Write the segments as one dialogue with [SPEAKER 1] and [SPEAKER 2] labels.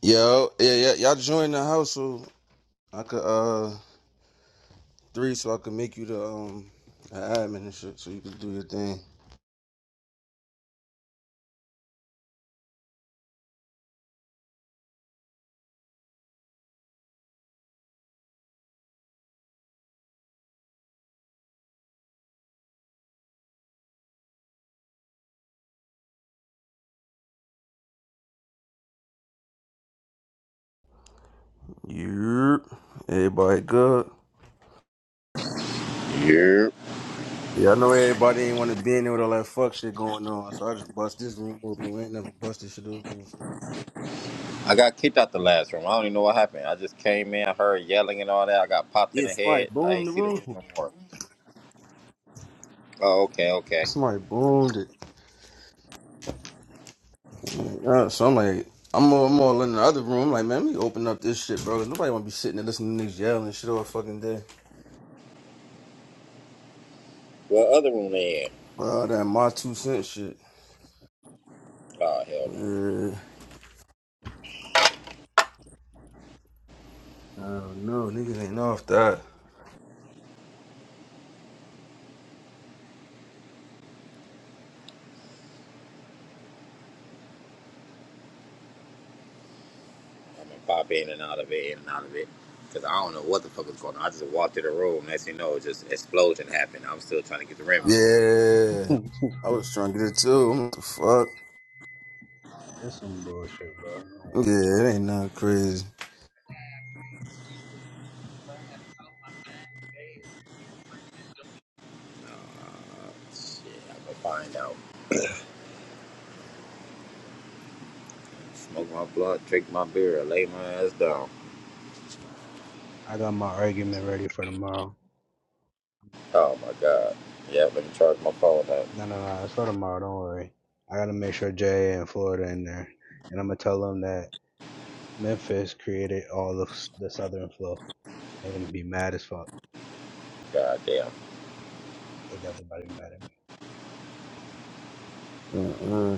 [SPEAKER 1] Yo, yeah, yeah, y'all join the house so I could uh three so I could make you the um the admin and shit so you could do your thing. Yep. Everybody good.
[SPEAKER 2] Yeah.
[SPEAKER 1] Yeah, I know everybody ain't want to be in there with all that fuck shit going on, so I just bust this room open. We ain't never bust this shit open.
[SPEAKER 2] I got kicked out the last room. I don't even know what happened. I just came in, I heard yelling and all that. I got popped in
[SPEAKER 1] Yeah,
[SPEAKER 2] the
[SPEAKER 1] somebody
[SPEAKER 2] head. I ain't
[SPEAKER 1] boomed the
[SPEAKER 2] see the room
[SPEAKER 1] room.
[SPEAKER 2] no more. Oh, okay, okay.
[SPEAKER 1] Somebody boomed it. Like, uh, so I'm like, I'm all, I'm all in the other room. I'm like, man, let me open up this shit, bro. 'cause Nobody want to be sitting there listening to niggas yelling and shit all fucking day.
[SPEAKER 2] What other room they in?
[SPEAKER 1] All that my two cent shit.
[SPEAKER 2] Oh, hell no.
[SPEAKER 1] Yeah. Oh no, niggas ain't off that.
[SPEAKER 2] I'm gonna pop in and out of it, in and out of it. Cause I don't know what the fuck was going on. I just walked in the room. Next thing you know, just explosion happened. I'm still trying to get the remnants.
[SPEAKER 1] Yeah, I was trying to get it too. What the fuck?
[SPEAKER 3] It's some bullshit, bro. Don't worry.
[SPEAKER 1] Yeah,
[SPEAKER 3] about
[SPEAKER 1] it ain't nothing crazy.
[SPEAKER 3] it.
[SPEAKER 2] Shit, I'm gonna find out. Smoke my blunt, drink my beer, lay my ass down.
[SPEAKER 3] I got my argument ready for tomorrow.
[SPEAKER 2] Oh my god. Yeah, let me charge my phone up.
[SPEAKER 3] No, no, no. It's for tomorrow. Don't worry. I gotta make sure Jay and Florida in there, and I'm gonna tell them that Memphis created all of the Southern flow, and they're gonna be mad as fuck.
[SPEAKER 2] God damn.
[SPEAKER 3] They definitely about to be mad at me.
[SPEAKER 1] Uh-uh.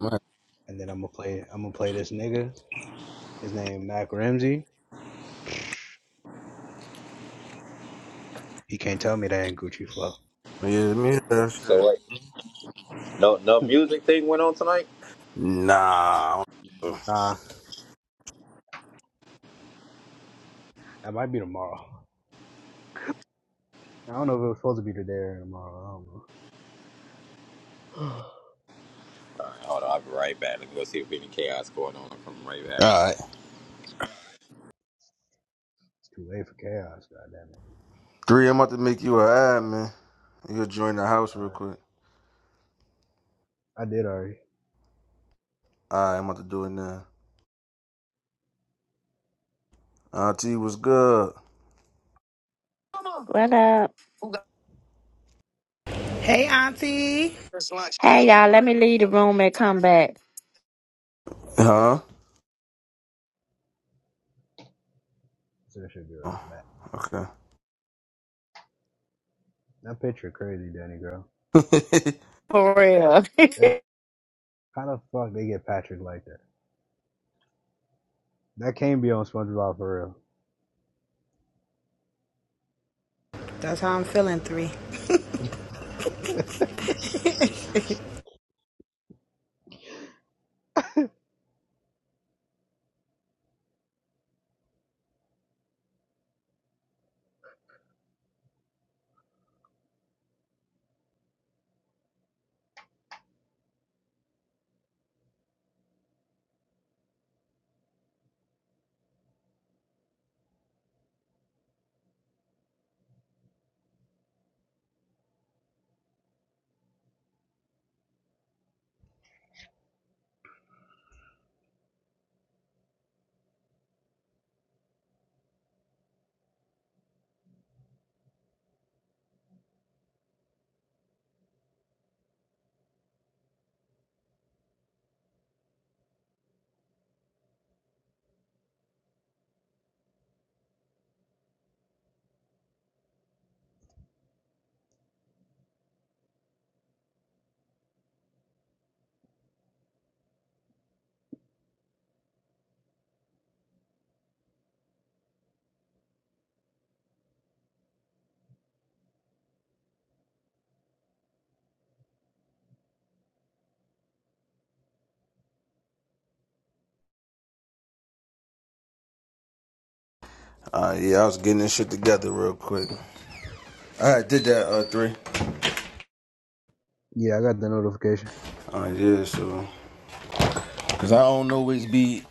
[SPEAKER 1] My-
[SPEAKER 3] And then I'm gonna play. I'm gonna play this nigga. His name Mac Ramsey. He can't tell me that ain't Gucci flow.
[SPEAKER 1] Yeah, let me hear that shit.
[SPEAKER 2] So wait, no, no music thing went on tonight.
[SPEAKER 1] Nah. All
[SPEAKER 3] Nah, that might be tomorrow. I don't know if it was supposed to be today or tomorrow. I don't know.
[SPEAKER 2] Alright, Hold on, I'll be right back. Let me go see if any chaos going on. i am coming right back.
[SPEAKER 1] right,
[SPEAKER 3] It's too late for chaos. God All
[SPEAKER 1] three. I'm about to make you a ad, man. You gonna join the house
[SPEAKER 3] right.
[SPEAKER 1] real quick.
[SPEAKER 3] I did already.
[SPEAKER 1] All right, I'm about to do it now. Auntie, what's good?
[SPEAKER 4] What up?
[SPEAKER 5] Hey, Auntie.
[SPEAKER 4] Hey y'all, let me leave the room and come back.
[SPEAKER 1] Huh?
[SPEAKER 3] So that should be
[SPEAKER 1] Oh,
[SPEAKER 3] right back.
[SPEAKER 1] okay.
[SPEAKER 3] That picture crazy, Danny girl.
[SPEAKER 4] For real.
[SPEAKER 3] It, how the fuck they get Patrick like that? That can't be on SpongeBob for real.
[SPEAKER 5] That's how I'm feeling, three.
[SPEAKER 1] All right, yeah, I was getting this shit together real quick. All right, did that. Uh, three.
[SPEAKER 3] Yeah, I got the notification.
[SPEAKER 1] All right, yeah. So. Cause I don't always be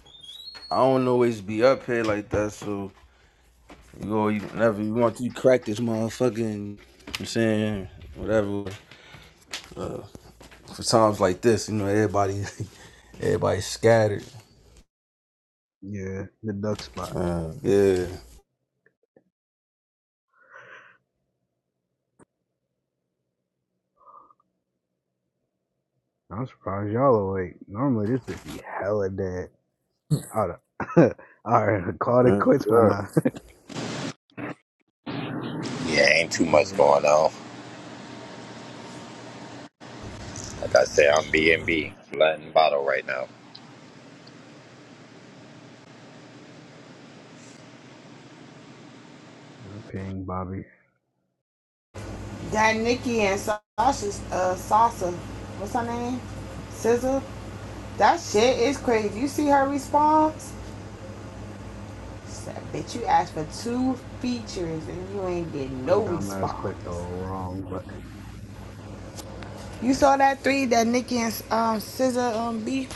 [SPEAKER 1] I don't always be up here like that, so you go you whenever you want to you crack this motherfucking You know what I'm saying whatever for times like this, you know, everybody everybody scattered.
[SPEAKER 3] Yeah, the duck spot.
[SPEAKER 1] Uh, yeah.
[SPEAKER 3] I'm surprised y'all awake. Normally this bitch be hella dead. Hold up. Alright, call it
[SPEAKER 1] Uh,
[SPEAKER 3] quits by
[SPEAKER 1] yeah. Let
[SPEAKER 3] now.
[SPEAKER 2] Yeah, ain't
[SPEAKER 3] Let me
[SPEAKER 2] too
[SPEAKER 3] see who
[SPEAKER 2] much
[SPEAKER 3] else.
[SPEAKER 2] going on. Like I said, I'm B&B, Latin bottle right now.
[SPEAKER 3] Uh, Ping Bobby.
[SPEAKER 5] That Nikki and Sasha's uh, Sasha, what's her name? Scissor. That shit is crazy. You see her response? She said, bitch, you asked for two features and you ain't getting
[SPEAKER 3] My
[SPEAKER 5] no
[SPEAKER 3] dumb ass clicked the
[SPEAKER 5] response.
[SPEAKER 3] wrong button.
[SPEAKER 5] You saw that three that Nikki and um Scissor um beef.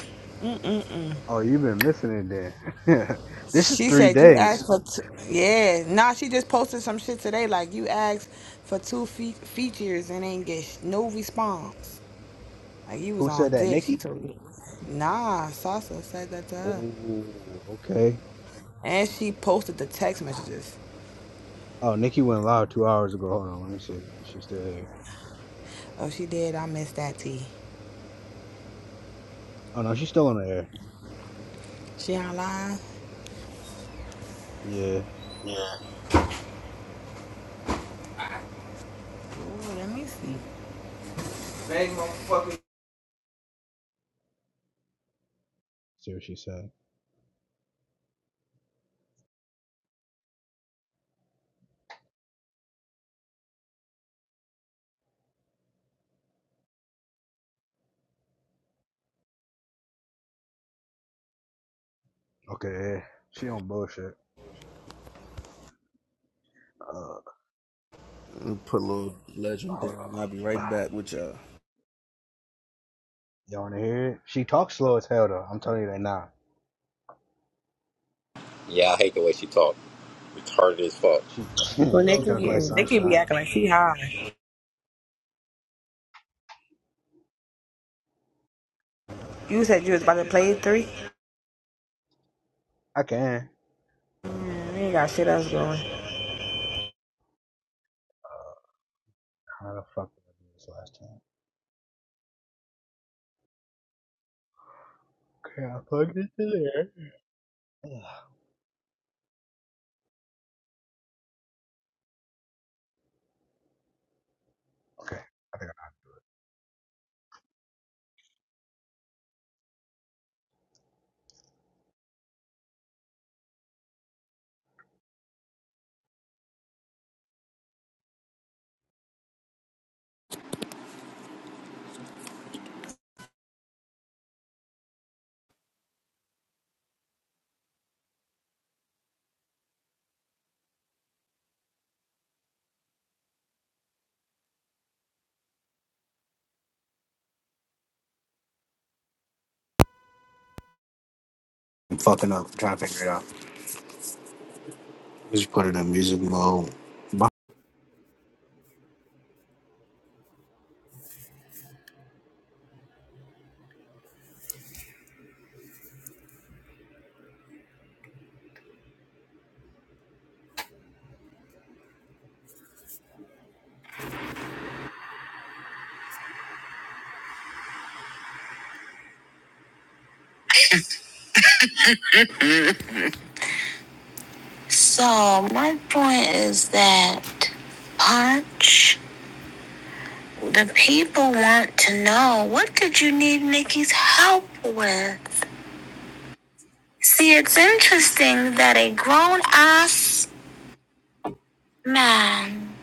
[SPEAKER 5] Mm-mm.
[SPEAKER 3] Oh, you've been missing it then. this is
[SPEAKER 5] She
[SPEAKER 3] three
[SPEAKER 5] said you asked
[SPEAKER 3] days.
[SPEAKER 5] for two. Yeah, nah. She just posted some shit today. Like you asked for two fe- features and ain't get sh- no response. Like he was
[SPEAKER 3] Who said
[SPEAKER 5] on
[SPEAKER 3] that,
[SPEAKER 5] dick. She
[SPEAKER 3] Nikki?
[SPEAKER 5] told me, nah, Sasa said that to her.
[SPEAKER 3] Oh, okay.
[SPEAKER 5] And she posted the text messages.
[SPEAKER 3] Oh, Nikki went live two hours ago. Hold on, let me see if she's still here.
[SPEAKER 5] Oh, she did. I missed that tea.
[SPEAKER 3] Oh no, she's still on the air.
[SPEAKER 5] She online?
[SPEAKER 3] Yeah, let's
[SPEAKER 5] Ooh, let me see. Bang, motherfucker.
[SPEAKER 3] see what she said. Okay, yeah. she on bullshit. Uh,
[SPEAKER 1] me Put a little legend
[SPEAKER 3] hold
[SPEAKER 1] down. I'll be
[SPEAKER 3] on.
[SPEAKER 1] right back with y'all.
[SPEAKER 3] Y'all wanna hear it? She talks slow as hell though. I'm telling you that now.
[SPEAKER 2] Yeah, I hate the way she talk. Retarded as fuck.
[SPEAKER 3] She
[SPEAKER 5] Well,
[SPEAKER 3] she
[SPEAKER 5] Nikki,
[SPEAKER 3] talk like
[SPEAKER 5] Nikki be
[SPEAKER 3] sunshine.
[SPEAKER 5] acting like she high. You said you was about to play three?
[SPEAKER 3] I can.
[SPEAKER 5] We ain't got shit else going.
[SPEAKER 3] How the fuck did I do this last time? Okay, I plugged it in there. Okay, I think I- I'm fucking up. trying to figure it out. Just put it in music mode. Bye. So my point is that punch. The people want to know what did you need Nikki's help with? See, it's interesting that a grown ass man,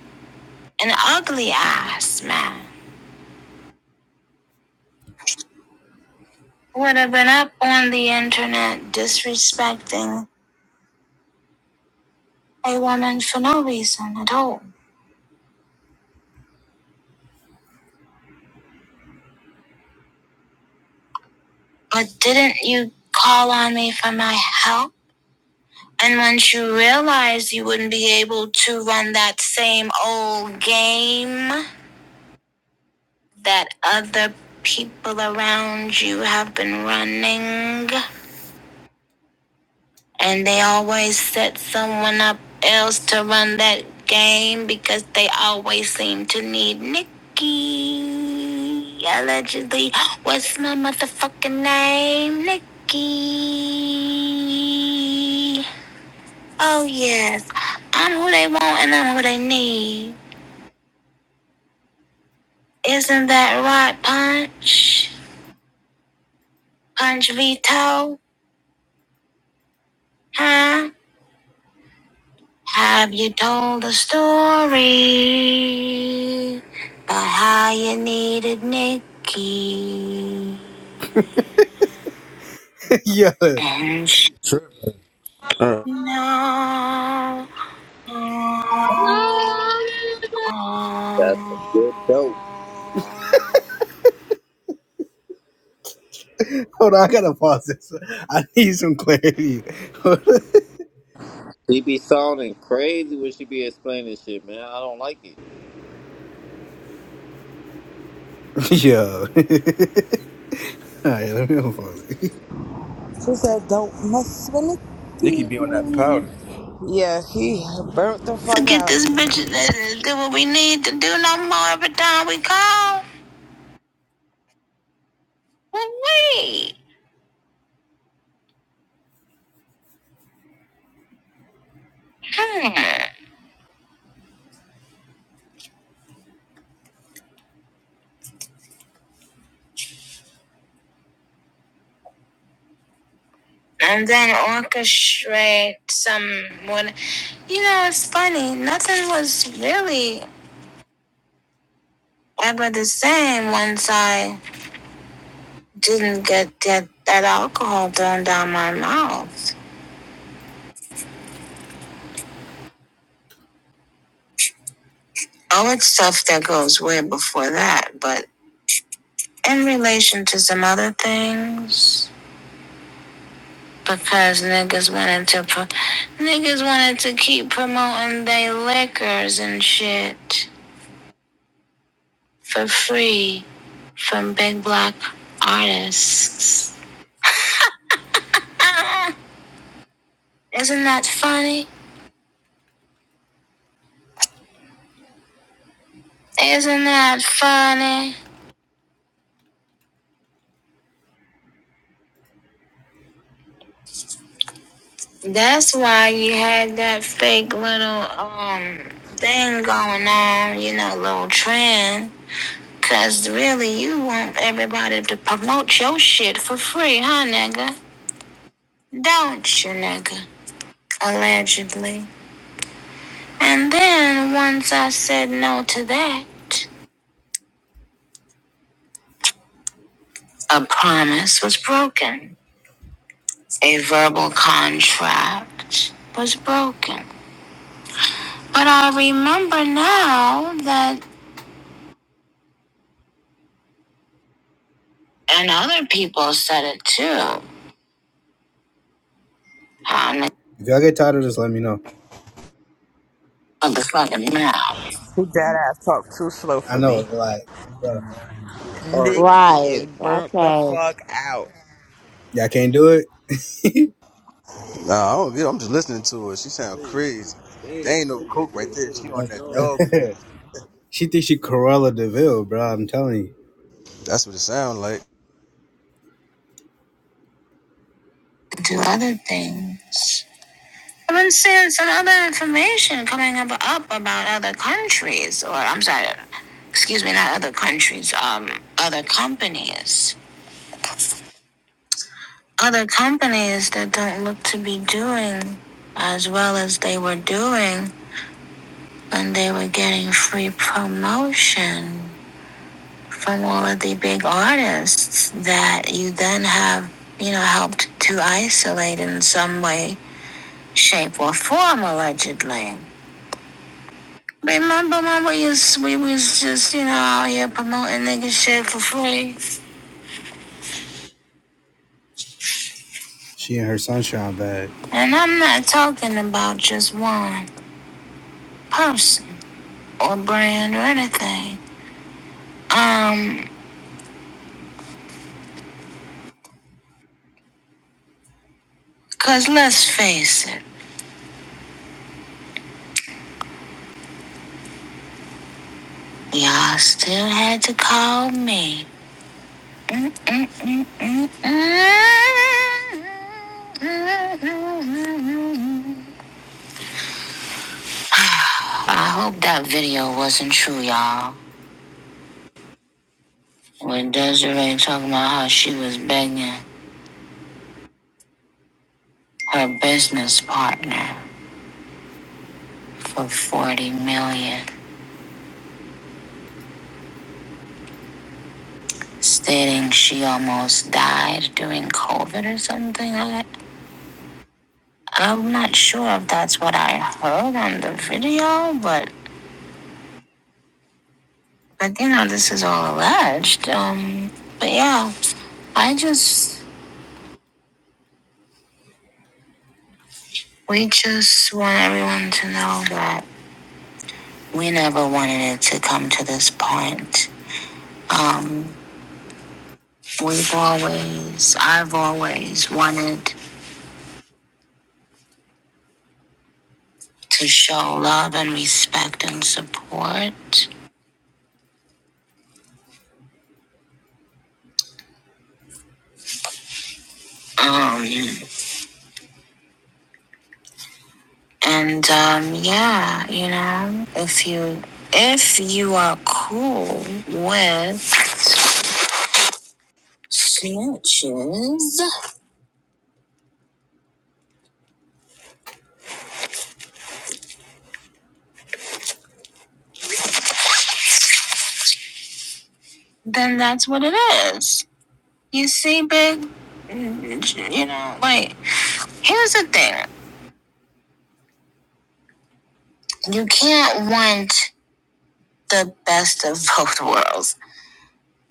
[SPEAKER 3] an ugly ass man, would have been up on the internet disrespecting a woman for no reason at all. But didn't you call on me for my help? And once you realized you wouldn't be able to run that same old game, that other people around you have been running and they always set someone up else to run that game because they always seem to need Nikki. Allegedly, what's my motherfucking name? Nikki. Oh, yes. I'm who they want and I'm who they need. Isn't that right, Punch? Punch Vito? Huh? Have you told the story about how you needed Nikki? yeah. And she
[SPEAKER 1] Sure. Uh,
[SPEAKER 3] no.
[SPEAKER 6] Hallelujah.
[SPEAKER 2] That's some good dope.
[SPEAKER 3] Hold on, I gotta pause this. I need some clarity.
[SPEAKER 2] She be sounding crazy when she be explaining shit, man. I don't like it.
[SPEAKER 3] Yo. Alright, let me unpause it.
[SPEAKER 5] She said, don't mess with
[SPEAKER 1] Nikki be on that powder.
[SPEAKER 5] Nikki. Yeah, she burnt the
[SPEAKER 3] To
[SPEAKER 5] fuck
[SPEAKER 3] get
[SPEAKER 5] out.
[SPEAKER 3] this bitch to do what we need to do no more every time we call. Well, Wait. Hmm. And then orchestrate some what you know, it's funny. Nothing was really ever the same once I didn't get that, that alcohol thrown down my mouth. Oh, it's stuff that goes way before that, but in relation to some other things, because niggas wanted to pro- niggas wanted to keep promoting their liquors and shit for free from big black artists. Ah, isn't that funny? Isn't that funny? That's why you had that fake little um thing going on, you know, little trend. Cause really, you want everybody to promote your shit for free, huh, nigga? Don't you, nigga? Allegedly. And then once I said no to that, a promise was broken. A verbal contract was broken. But I remember now that, and other people said it too. Um, if y'all get tired of this, let me know. Motherfucking mouth.
[SPEAKER 5] She dead ass talk too slow
[SPEAKER 3] I
[SPEAKER 5] for
[SPEAKER 3] know,
[SPEAKER 5] me.
[SPEAKER 3] like, bro,
[SPEAKER 2] Retarded.
[SPEAKER 5] Nikki is
[SPEAKER 4] Right.
[SPEAKER 5] burnt the
[SPEAKER 4] Okay.
[SPEAKER 5] fuck out.
[SPEAKER 3] y'all can't do it.
[SPEAKER 1] Nah, I don't get. I'm just listening to her. She sound crazy. There ain't no coke right there. She on that
[SPEAKER 3] That's-
[SPEAKER 1] dog
[SPEAKER 3] that-
[SPEAKER 1] food.
[SPEAKER 3] she thinks she Corella Deville, bro. I'm telling you.
[SPEAKER 1] That's what it sound like.
[SPEAKER 3] Do other things. i haven't seen some other information coming up, up about other countries, or I'm sorry, excuse me, not other countries, um, other companies, other companies that don't look to be doing as well as they were doing when they were getting free promotion from all of the big artists that you then have, you know, helped to isolate in some way, shape, or form, allegedly. Remember, mama, we was, we was just, you know, out here promoting nigga shit for free. She and her sunshine bag. And I'm not talking about just one person or brand or anything. Um, cause let's face it, y'all still had to call me. Mm, mm, mm, mm, mm. I hope that video wasn't true, y'all. When Desiree talking about how she was begging her business partner for 40 million, dollars, stating she almost died during COVID or something like that. I'm not sure if that's what I heard on the video, but but you know this is all alleged. Um, but yeah, I just we just want everyone to know that we never wanted it to come to this point. Um, we've always, I've always wanted to show love and respect and support. Um, and um, yeah, you know, if you if you are cool with snitches, then that's what it is. You see, big, you know, like here's the thing: you can't want the best of both worlds.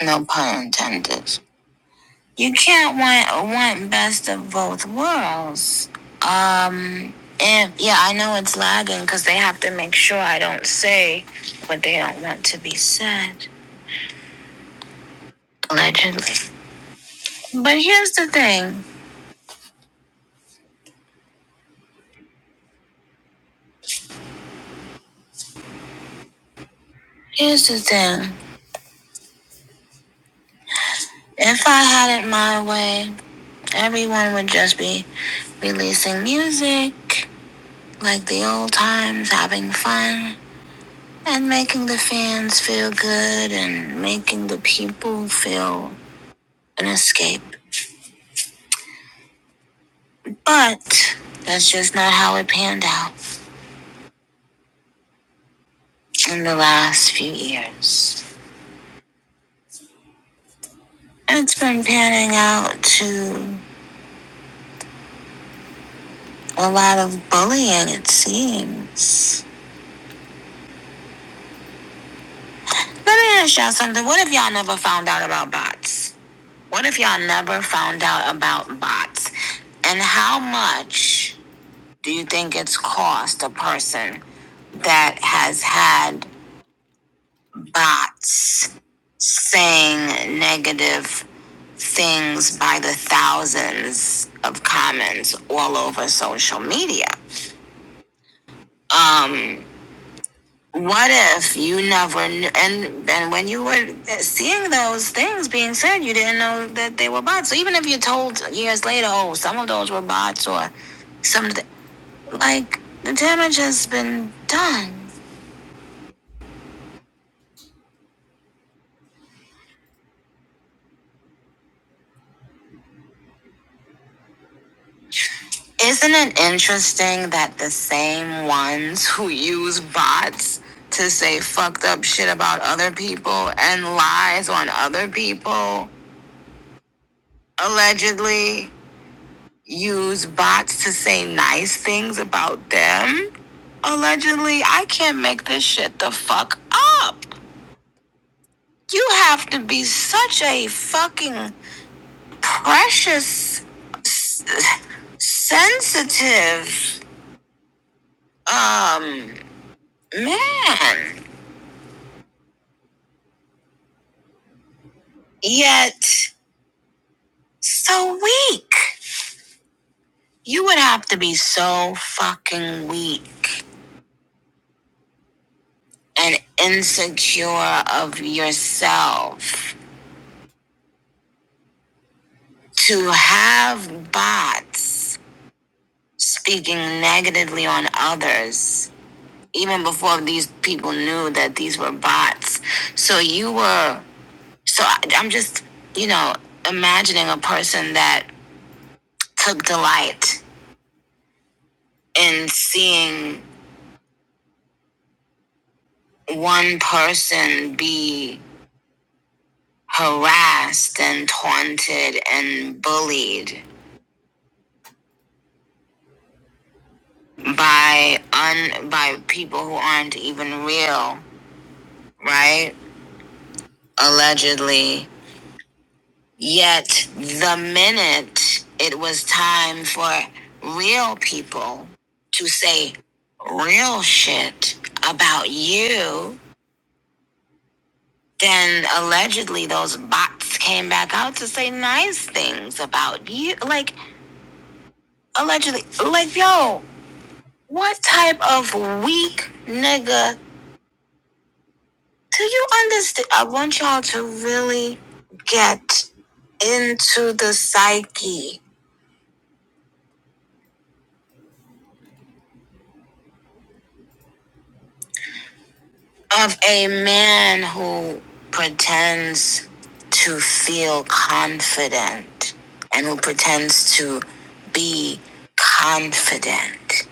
[SPEAKER 3] No pun intended. you can't want want best of both worlds. Um, and yeah, I know it's lagging because they have to make sure I don't say what they don't want to be said, allegedly. But here's the thing. Here's the thing. If I had it my way, everyone would just be releasing music like the old times, having fun, and making the fans feel good and making the people feel an escape. But that's just not how it panned out in the last few years. It's been panning out to a lot of bullying, it seems. Let me ask y'all something. What if y'all never found out about bots? What if y'all never found out about bots? And how much do you think it's cost a person that has had bots saying negative things by the thousands of comments all over social media. Um, what if you never knew, and and when you were seeing those things being said, you didn't know that they were bots. So even if you're told years later, oh, some of those were bots or some like the damage has been done. Isn't it interesting that the same ones who use bots to say fucked up shit about other people and lies on other people allegedly use bots to say nice things about them? Allegedly, I can't make this shit the fuck up. You have to be such a fucking precious, s- sensitive, um, man. Yet, so weak. You would have to be so fucking weak and insecure of yourself to have bots speaking negatively on others, even before these people knew that these were bots. So you were, so I- am just, you know, imagining a person that took delight in seeing one person be harassed and taunted and bullied by un by people who aren't even real, right? Allegedly. Yet the minute it was time for real people to say real shit about you, then allegedly those bots came back out to say nice things about you. Like allegedly like yo What type of weak nigga do you understand? I want y'all to really get into the psyche of a man who pretends to feel confident and who pretends to be confident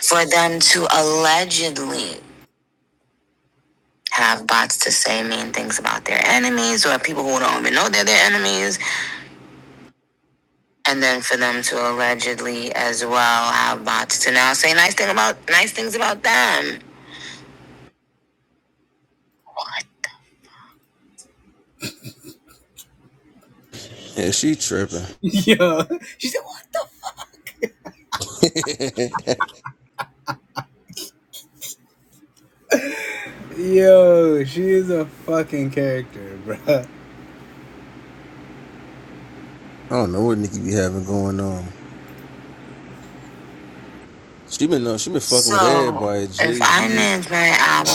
[SPEAKER 3] for them to allegedly have bots to say mean things about their enemies or people who don't even know they're their enemies and then for them to allegedly as well have bots to now say nice thing about nice things about them. What?
[SPEAKER 1] Yeah, she tripping.
[SPEAKER 3] Yo, she said what?
[SPEAKER 1] I
[SPEAKER 3] The-? Yo, she is a fucking character, bruh.
[SPEAKER 1] don't know what Nikki be having going on. She been uh, she been fucking with
[SPEAKER 3] So
[SPEAKER 1] everybody.
[SPEAKER 3] if
[SPEAKER 1] Jay
[SPEAKER 3] I
[SPEAKER 1] Z,
[SPEAKER 3] named my album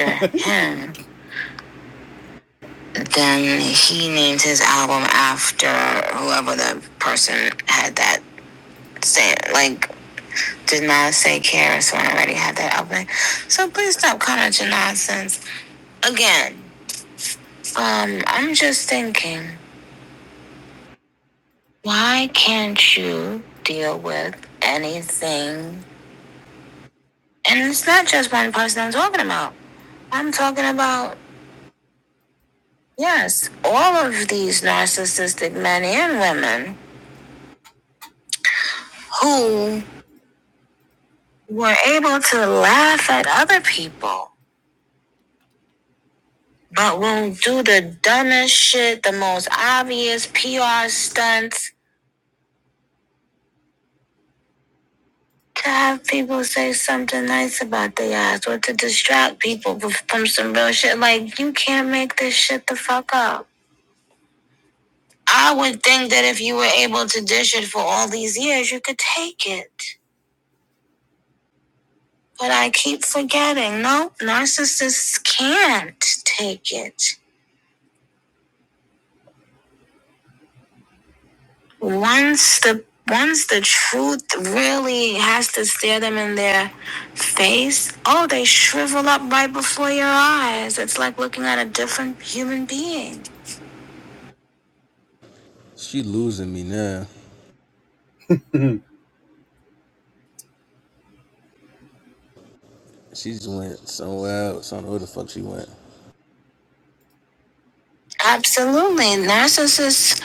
[SPEAKER 3] after him, then he named his album after whoever the person had that say like. Did not say Karis when I already had that album. So please stop commenting nonsense. Again, Um, I'm just thinking, why can't you deal with anything? And it's not just one person I'm talking about. I'm talking about, yes, all of these narcissistic men and women who were able to laugh at other people, but will do the dumbest shit, the most obvious PR stunts, to have people say something nice about their ass or to distract people from some real shit. Like, you can't make this shit the fuck up. I would think that if you were able to dish it for all these years, you could take it. But I keep forgetting. No, narcissists can't take it. Once the once the truth really has to stare them in their face, oh, they shrivel up right before your eyes. It's like looking at a different human being.
[SPEAKER 1] she losing me now. She just went somewhere else. I don't know where the fuck she went.
[SPEAKER 3] Absolutely. Narcissists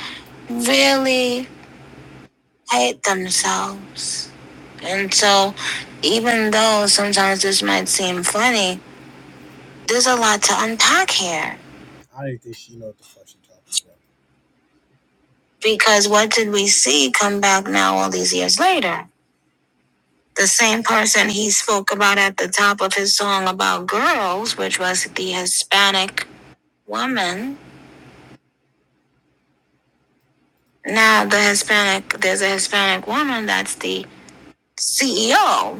[SPEAKER 3] really hate themselves. And so, even though sometimes this might seem funny, there's a lot to unpack here. I didn't think she know what the fuck she talking about. Because what did we see come back now all these years later? The same person he spoke about at the top of his song about girls, which was the Hispanic woman. Now, the Hispanic, there's a Hispanic woman that's the CEO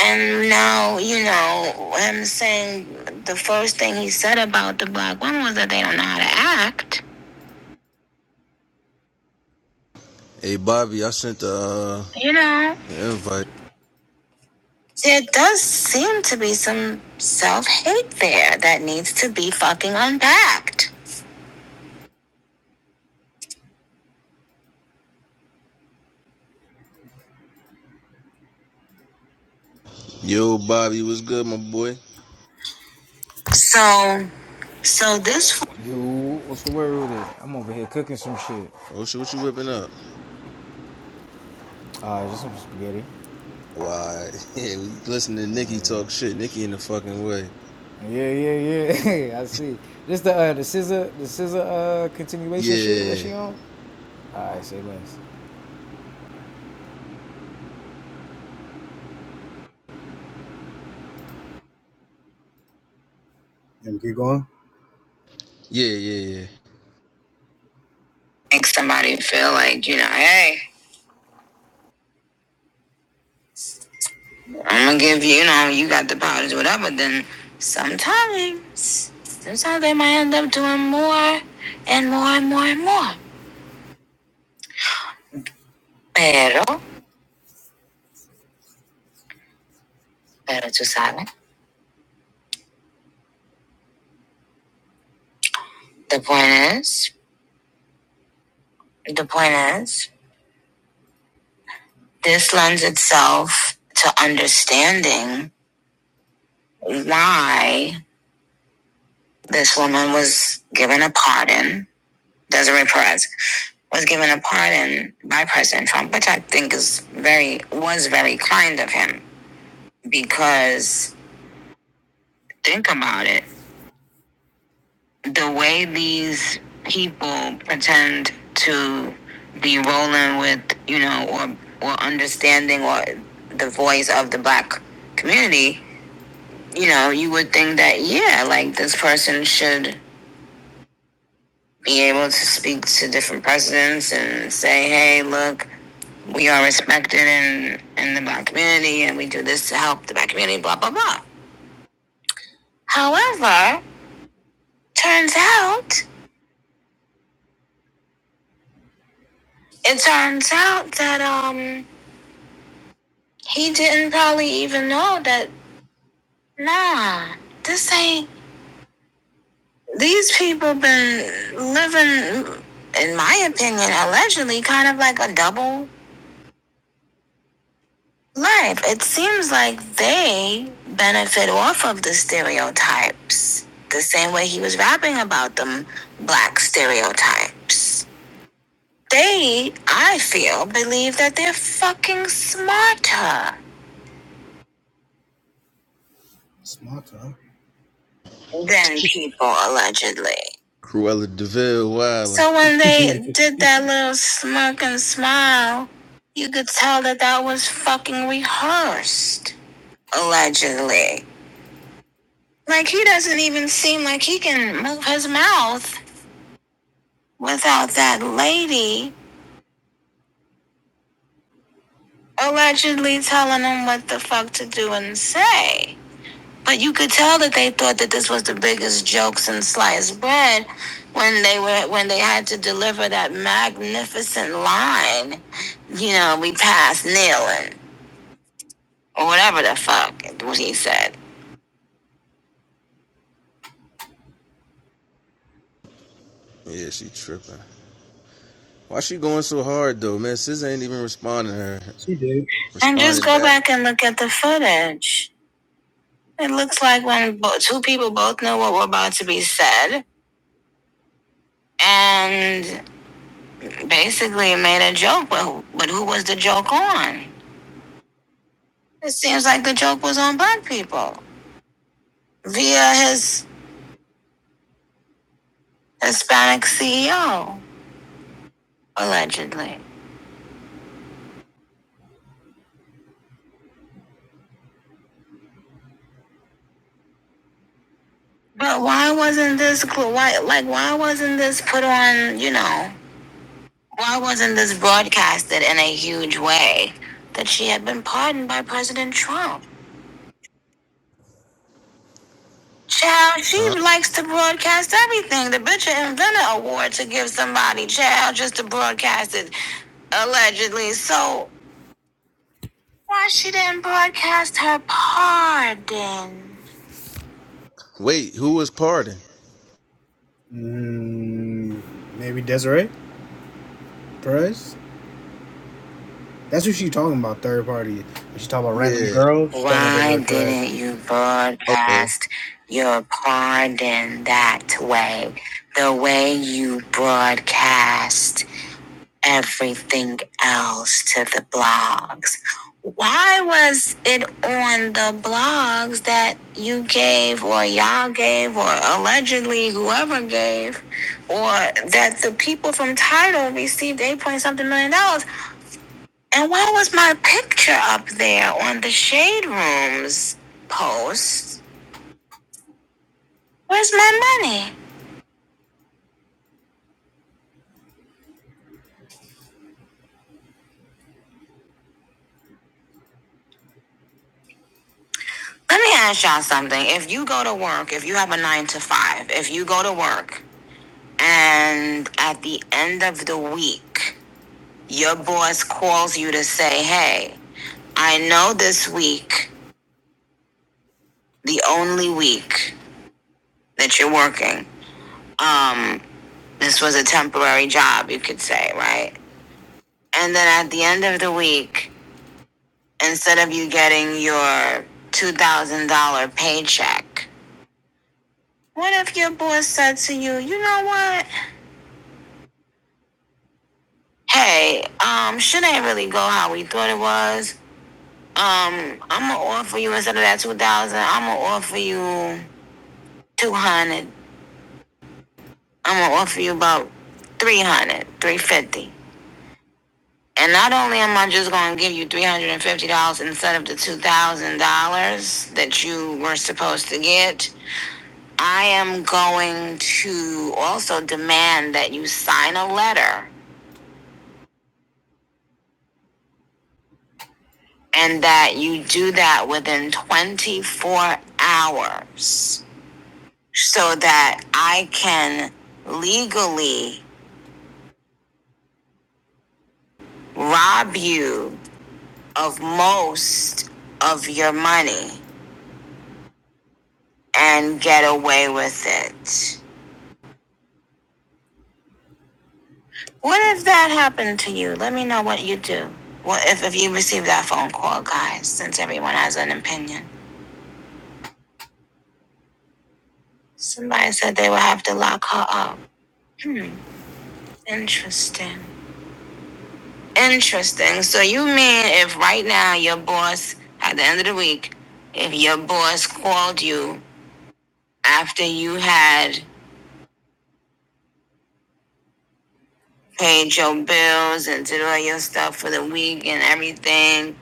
[SPEAKER 3] And now, you know, him saying the first thing he said about the black women was that they don't know how to act.
[SPEAKER 1] Hey Bobby, I sent the, uh,
[SPEAKER 3] You know,
[SPEAKER 1] the invite.
[SPEAKER 3] there does seem to be some self hate there that needs to be fucking unpacked.
[SPEAKER 1] Yo Bobby, what's good, my boy?
[SPEAKER 3] So, so this
[SPEAKER 7] You, what's the word with it? I'm over here cooking some shit.
[SPEAKER 1] Oh shit, what you whipping up?
[SPEAKER 7] Uh, just some spaghetti.
[SPEAKER 1] Why? Yeah, we listen to
[SPEAKER 7] Oh
[SPEAKER 1] Nikki
[SPEAKER 7] yeah.
[SPEAKER 1] talk shit. Nikki in the fucking way.
[SPEAKER 7] Yeah, yeah, yeah. I see. This the uh, the scissor, the scissor uh continuation shit that
[SPEAKER 1] Yeah,
[SPEAKER 7] she on. I say less.
[SPEAKER 3] And keep going.
[SPEAKER 1] yeah, yeah, yeah.
[SPEAKER 3] make somebody feel like, you know, hey, I'm gonna give you, you know, you got the powers, whatever, then sometimes, sometimes they might end up doing more and more and more and more. Pero better to silent. The point is, the point is, this lends itself to understanding why this woman was given a pardon. Desiree Perez was given a pardon by President Trump, which I think is very was very kind of him because think about it. the way these people pretend to be rolling with, you know, or or understanding or the voice of the black community, you know, you would think that yeah, like this person should be able to speak to different presidents and say, hey, look, we are respected in in the black community and we do this to help the black community, blah blah blah. However, turns out it turns out that um He didn't probably even know that, nah, this ain't, these people been living, in my opinion, allegedly kind of like a double life. It seems like they benefit off of the stereotypes, the same way he was rapping about them black stereotypes. They, I feel, believe that they're fucking smarter smarter. than people allegedly.
[SPEAKER 1] Cruella Deville Wildin'.
[SPEAKER 3] So when they did that little smirk and smile, you could tell that that was fucking rehearsed, allegedly. Like he doesn't even seem like he can move his mouth without that lady allegedly telling him what the fuck to do and say. But you could tell that they thought that this was the biggest joke since sliced bread when they were when they had to deliver that magnificent line. You know, we passed kneeling. or whatever the fuck what he said.
[SPEAKER 1] Yeah, she tripping. Why she going so hard though, man? Sis ain't even responding to her.
[SPEAKER 3] She did. And just
[SPEAKER 1] Responding
[SPEAKER 3] go
[SPEAKER 1] back.
[SPEAKER 3] back and look at the footage. It looks like when bo- two people both knew what were about to be said and basically made a joke, but who, but who was the joke on? It seems like the joke was on black people via his Hispanic CEO, allegedly. But why wasn't this, cl- why, like, why wasn't this put on, you know, Why wasn't this broadcasted in a huge way that she had been pardoned by President Trump? Child, she
[SPEAKER 1] Huh?
[SPEAKER 3] likes to broadcast everything. The bitch invented a award to give somebody, child, just to broadcast it, allegedly. So why she didn't broadcast her pardon?
[SPEAKER 1] Wait, who was pardoned?
[SPEAKER 3] Mm, maybe Desiree Perez. That's what she talking about, third party. she talking about random
[SPEAKER 1] Yeah.
[SPEAKER 3] girls, she Why talking about Why didn't you
[SPEAKER 1] Okay.
[SPEAKER 3] broadcast your pardon that way? The way you broadcast everything else to the blogs. Why was it on the blogs that you gave, or y'all gave, or allegedly whoever gave, or that the people from Title received 8 point something million? dollars? And why was my picture up there on the Shade Rooms post? Where's my money? Let me ask y'all something. If you go to work, if you have a nine to five, if you go to work and at the end of the week, your boss calls you to say, hey, I know this week, the only week that you're working, um, this was a temporary job, you could say, right? And then at the end of the week, instead of you getting your $2,000 paycheck? What if your boss said to you, you know what? Hey, um, shit ain't really go how we thought it was. Um, I'ma offer you instead of that 2000 I'ma offer you 200 I'ma offer you about 300 350 And not only am I just gonna give you $350 instead of the $2,000 that you were supposed to get, I am going to also demand that you sign a letter and that you do that within 24 hours so that I can legally rob you of most of your money and get away with it. What if that happened to you? Let me know what you do. Well, if, if you receive that phone call, guys, since everyone has an opinion. Somebody said they would have to lock her up. Hmm, interesting. Interesting. So you mean if right now your boss, at the end of the week, if your boss called you after you had paid your bills and did all your stuff for the week and everything,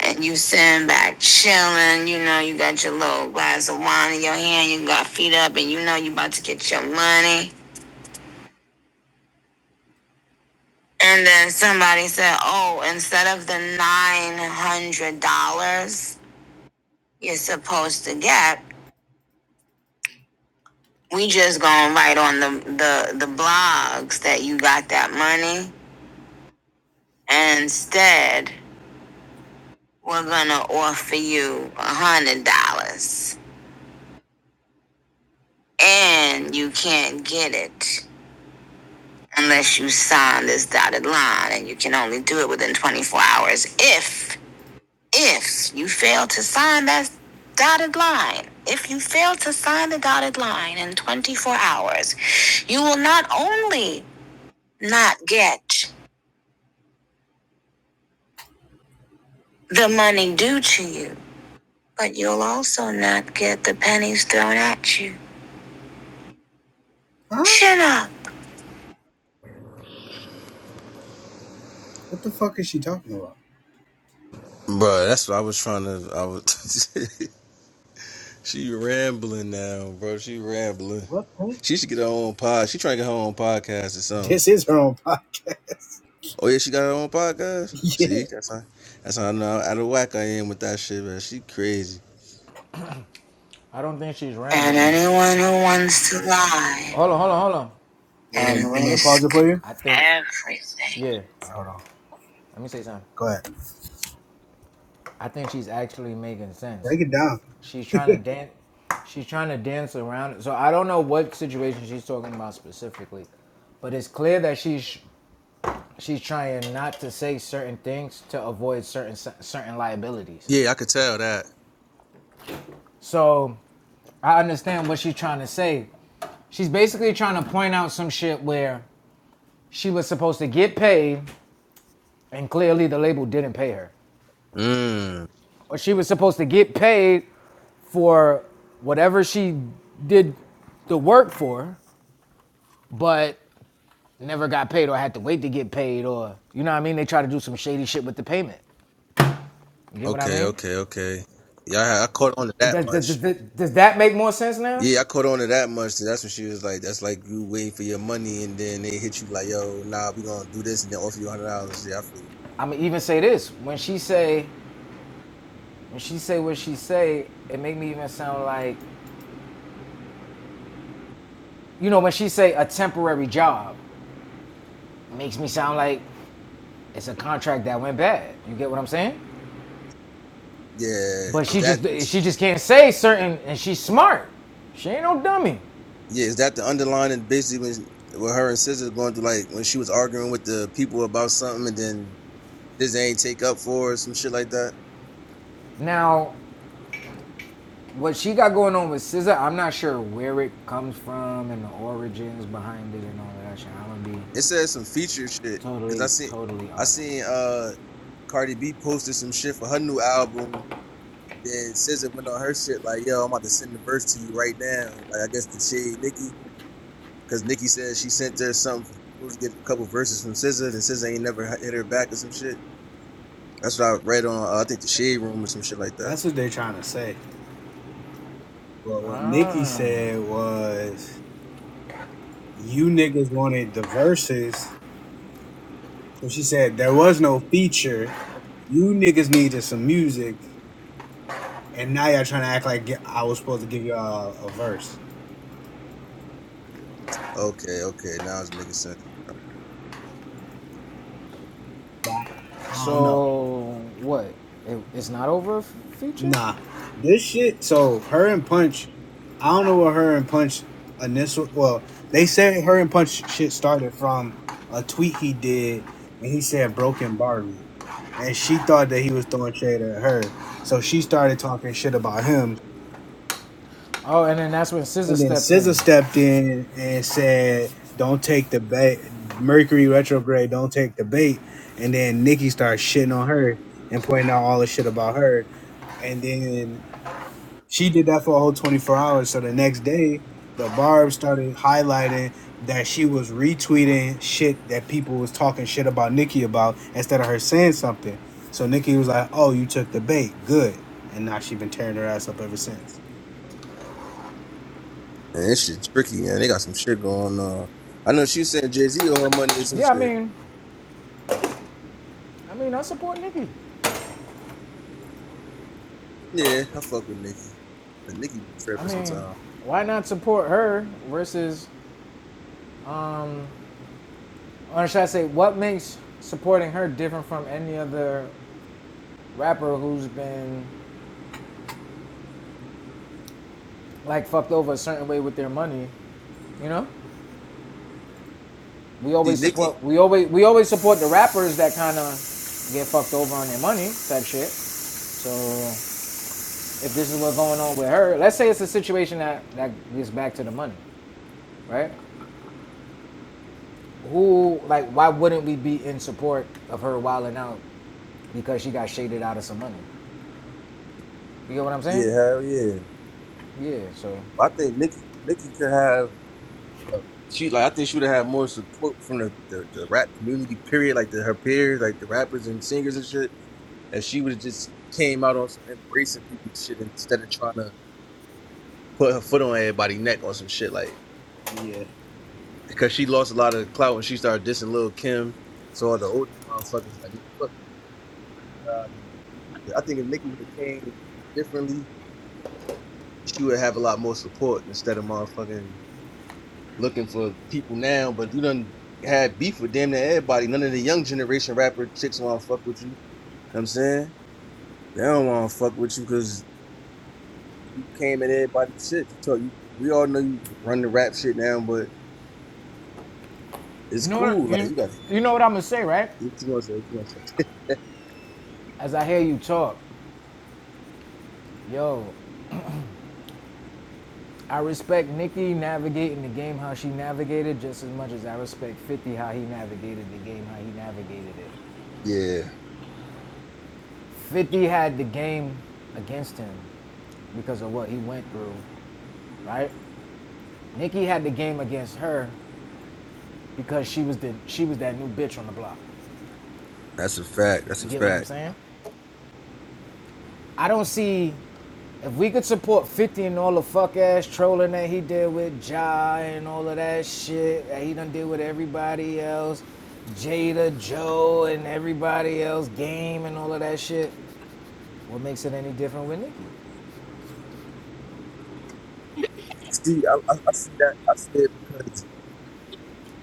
[SPEAKER 3] and you sitting back chilling, you know, you got your little glass of wine in your hand, you got feet up, and you know you about to get your money. And then somebody said, oh, instead of the $900 you're supposed to get, we just gonna write on the, the, the blogs that you got that money. And instead, we're gonna offer you $100. And you can't get it unless you sign this dotted line. And you can only do it within 24 hours if If you fail to sign that dotted line, if you fail to sign the dotted line in 24 hours, you will not only not get the money due to you, but you'll also not get the pennies thrown at you. Huh? Chin up. What the fuck is she talking about?
[SPEAKER 1] Bro, that's what I was trying to. I was. she rambling now, bro. She rambling.
[SPEAKER 3] What? Huh?
[SPEAKER 1] She should get her own pod. She trying to get her own podcast or something.
[SPEAKER 3] This is her own podcast.
[SPEAKER 1] Oh yeah, she got her own podcast.
[SPEAKER 3] Yeah.
[SPEAKER 1] See, that's how. That's how I know how out of whack I am with that shit, man. She crazy.
[SPEAKER 7] I don't think she's
[SPEAKER 3] And
[SPEAKER 7] rambling.
[SPEAKER 3] anyone who wants to lie
[SPEAKER 7] Hold on, hold on, hold on.
[SPEAKER 3] and risk
[SPEAKER 7] I think,
[SPEAKER 3] everything.
[SPEAKER 7] yeah.
[SPEAKER 3] Hold on.
[SPEAKER 7] Let me say something.
[SPEAKER 3] Go ahead.
[SPEAKER 7] I think she's actually making sense.
[SPEAKER 3] Break it down.
[SPEAKER 7] She's trying to dance. She's trying to dance around it. So I don't know what situation she's talking about specifically, but it's clear that she's she's trying not to say certain things to avoid certain certain liabilities.
[SPEAKER 1] Yeah, I could tell that.
[SPEAKER 7] So I understand what she's trying to say. She's basically trying to point out some shit where she was supposed to get paid and clearly the label didn't pay her.
[SPEAKER 1] Mm.
[SPEAKER 7] Or she was supposed to get paid for whatever she did the work for, but never got paid or had to wait to get paid or you know what I mean? They try to do some shady shit with the payment. You get what I
[SPEAKER 1] Okay.
[SPEAKER 7] mean?
[SPEAKER 1] Okay. Okay. Yeah, I I caught on to that
[SPEAKER 7] Does,
[SPEAKER 1] much.
[SPEAKER 7] does, does, does that make more sense now?
[SPEAKER 1] Yeah, I caught on to that much. Too. That's what she was like. That's like you waiting for your money, and then they hit you like, "Yo, nah, we gonna do this," and then offer you a hundred dollars. Yeah, I feel you.
[SPEAKER 7] I'm gonna even say this when she say when she say what she say, it make me even sound like you know when she say a temporary job, it makes me sound like it's a contract that went bad. You get what I'm saying?
[SPEAKER 1] Yeah,
[SPEAKER 7] But
[SPEAKER 1] is
[SPEAKER 7] she just
[SPEAKER 1] that? Is,
[SPEAKER 7] she just can't say certain, and she's smart. She ain't no dummy.
[SPEAKER 1] yeah, is that the underlining? Basically, when with her and Scissor going through, like when she was arguing with the people about something, and then this ain't take up for her, some shit like that.
[SPEAKER 7] Now what she got going on with SZA, I'm not sure where it comes from and the origins behind it and all of that shit. I'm gonna be
[SPEAKER 1] It says some feature shit because I
[SPEAKER 7] totally
[SPEAKER 1] seen,
[SPEAKER 7] totally
[SPEAKER 1] I
[SPEAKER 7] honest.
[SPEAKER 1] seen uh, Cardi B posted some shit for her new album. Then Scissor went on her shit like, "Yo, I'm about to send the verse to you right now." Like I guess the shade Nikki. Because Nikki said she sent her something supposed to get a couple verses from SZA, and SZA ain't never hit her back or some shit. That's what I read on, uh, I think, the Shade Room or some shit like that.
[SPEAKER 3] That's what they're trying to say. But what Nikki
[SPEAKER 7] Ah.
[SPEAKER 3] said was, you niggas wanted the verses. So she said, there was no feature. You niggas needed some music. And now y'all trying to act like I was supposed to give y'all a, verse.
[SPEAKER 1] Okay, okay, now it's making sense.
[SPEAKER 3] But I don't know.
[SPEAKER 7] So what? It, it's not over f- feature.
[SPEAKER 3] Nah. This shit, so her and Punch, I don't know what her and Punch initial, well, they said her and Punch shit started from a tweet he did. And he said broken Barbie." and she thought that he was throwing shade at her. So she started talking shit about him,
[SPEAKER 7] Oh, and then that's when SZA
[SPEAKER 3] and then
[SPEAKER 7] stepped
[SPEAKER 3] SZA
[SPEAKER 7] in.
[SPEAKER 3] stepped in and said, "Don't take the bait, Mercury retrograde. Don't take the bait." And then Nikki started shitting on her and pointing out all the shit about her, and then She did that for a whole 24 hours. So the next day, the barb started highlighting that she was retweeting shit that people was talking shit about Nikki about instead of her saying something. So Nikki was like, "Oh, you took the bait, good." And now she been tearing her ass up ever since.
[SPEAKER 1] Man, this shit tricky, man. They got some shit going on. I know she was saying Jay Z owe her money or some
[SPEAKER 7] Yeah, I
[SPEAKER 1] shit.
[SPEAKER 7] mean, I mean, I support Nicki.
[SPEAKER 1] Yeah, I fuck with Nikki, but Nikki be
[SPEAKER 7] I
[SPEAKER 1] tripping
[SPEAKER 7] mean,
[SPEAKER 1] sometimes.
[SPEAKER 7] why not support her versus, or should I say, what makes supporting her different from any other rapper who's been like fucked over a certain way with their money? You know, we
[SPEAKER 1] See,
[SPEAKER 7] always
[SPEAKER 1] Nikki,
[SPEAKER 7] support, we always, we always support the rappers that kind of get fucked over on their money type shit. So if this is what's going on with her, let's say it's a situation that that gets back to the money, right? Who like why wouldn't we be in support of her wilding out because she got shaded out of some money? You get what I'm
[SPEAKER 1] yeah,
[SPEAKER 7] saying?
[SPEAKER 1] hell yeah.
[SPEAKER 7] Yeah. So
[SPEAKER 1] I think Nikki, Nikki could have. uh, She like I think she would have had more support from the, the, the rap community period, like the, her peers, like the rappers and singers and shit. If she would have just came out on some embracing people shit instead of trying to put her foot on everybody's neck on some shit like
[SPEAKER 3] Yeah.
[SPEAKER 1] because she lost a lot of clout when she started dissing Lil Kim. So all the older motherfuckers like man, fuck you. And I think if Nicki would have came differently, she would have a lot more support instead of motherfucking looking for people now. But you done had beef with damn near everybody. None of the young generation rapper chicks want to fuck with you. You know what I'm saying they don't want to fuck with you because came at everybody's shit. You told you we all know you run the rap shit now, but it's
[SPEAKER 7] you know what
[SPEAKER 1] cool. Like
[SPEAKER 7] you
[SPEAKER 1] you gotta
[SPEAKER 7] you know what I'm gonna say, right?
[SPEAKER 1] see what you wanna say, what you wanna say.
[SPEAKER 7] As I hear you talk, yo, I respect Nikki navigating the game how she navigated just as much as I respect 50 how he navigated the game how he navigated it.
[SPEAKER 1] Yeah,
[SPEAKER 7] 50 had the game against him because of what he went through right? Nikki had the game against her because she was the she was that new bitch on the block.
[SPEAKER 1] that's a fact. That's
[SPEAKER 7] You
[SPEAKER 1] a
[SPEAKER 7] get what I'm
[SPEAKER 1] fact.
[SPEAKER 7] saying? I don't see if we could support 50 and all the fuck ass trolling that he did with Ja and all of that shit that he done did with everybody else, Jada, Joe, and everybody else, game and all of that shit. What makes it any different with Nikki?
[SPEAKER 1] See, I, I, I see that. I see it because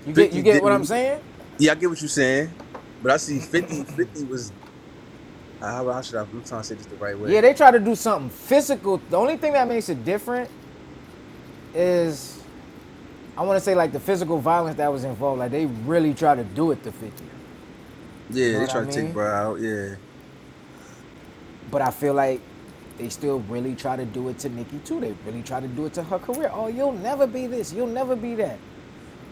[SPEAKER 7] You get you
[SPEAKER 1] Fifty
[SPEAKER 7] get
[SPEAKER 1] did.
[SPEAKER 7] what
[SPEAKER 1] What
[SPEAKER 7] I'm
[SPEAKER 1] he,
[SPEAKER 7] saying?
[SPEAKER 1] yeah, I get what you're saying, but I see 50, 50 was. How, how should I? I'm trying to say this the right
[SPEAKER 7] Yeah,
[SPEAKER 1] way.
[SPEAKER 7] they try to do something physical. The only thing that makes it different is I want to say like the physical violence that was involved, like they really try to do it to 50. You
[SPEAKER 1] Yeah,
[SPEAKER 7] know
[SPEAKER 1] they
[SPEAKER 7] what I
[SPEAKER 1] try to take
[SPEAKER 7] mean?
[SPEAKER 1] Brian out. Yeah,
[SPEAKER 7] But I feel like they still really try to do it to Nicki too. They really try to do it to her career. Oh, you'll never be this. You'll never be that.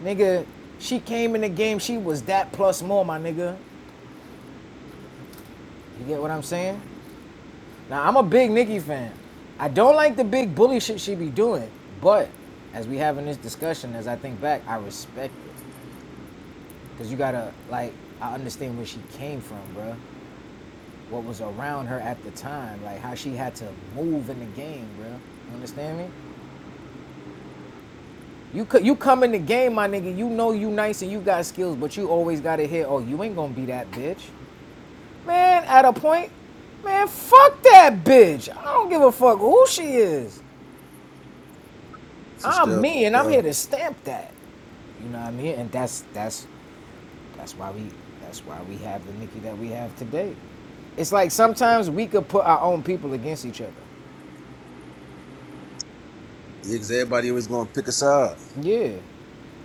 [SPEAKER 7] Nigga, she came in the game. She was that plus more, my nigga. You get what I'm saying? Now, I'm a big Nicki fan. I don't like the big bully shit she be doing, but as we having this discussion, as I think back, I respect it. Cause you gotta like, I understand where she came from, bro. what was around her at the time, like how she had to move in the game, bro? You understand me? You could you come in the game, my nigga. You know you nice and you got skills, but you always gotta hear, oh, you ain't gonna be that bitch, man. At a point, man, fuck that bitch. I don't give a fuck who she is.
[SPEAKER 1] for
[SPEAKER 7] I'm
[SPEAKER 1] sure.
[SPEAKER 7] me, and
[SPEAKER 1] For
[SPEAKER 7] I'm here
[SPEAKER 1] sure.
[SPEAKER 7] to stamp that. You know what I mean? And that's that's that's why we that's why we have the Nikki that we have today. It's like sometimes we could put our own people against each other.
[SPEAKER 1] Yeah, 'cause everybody was gonna pick us up.
[SPEAKER 7] Yeah.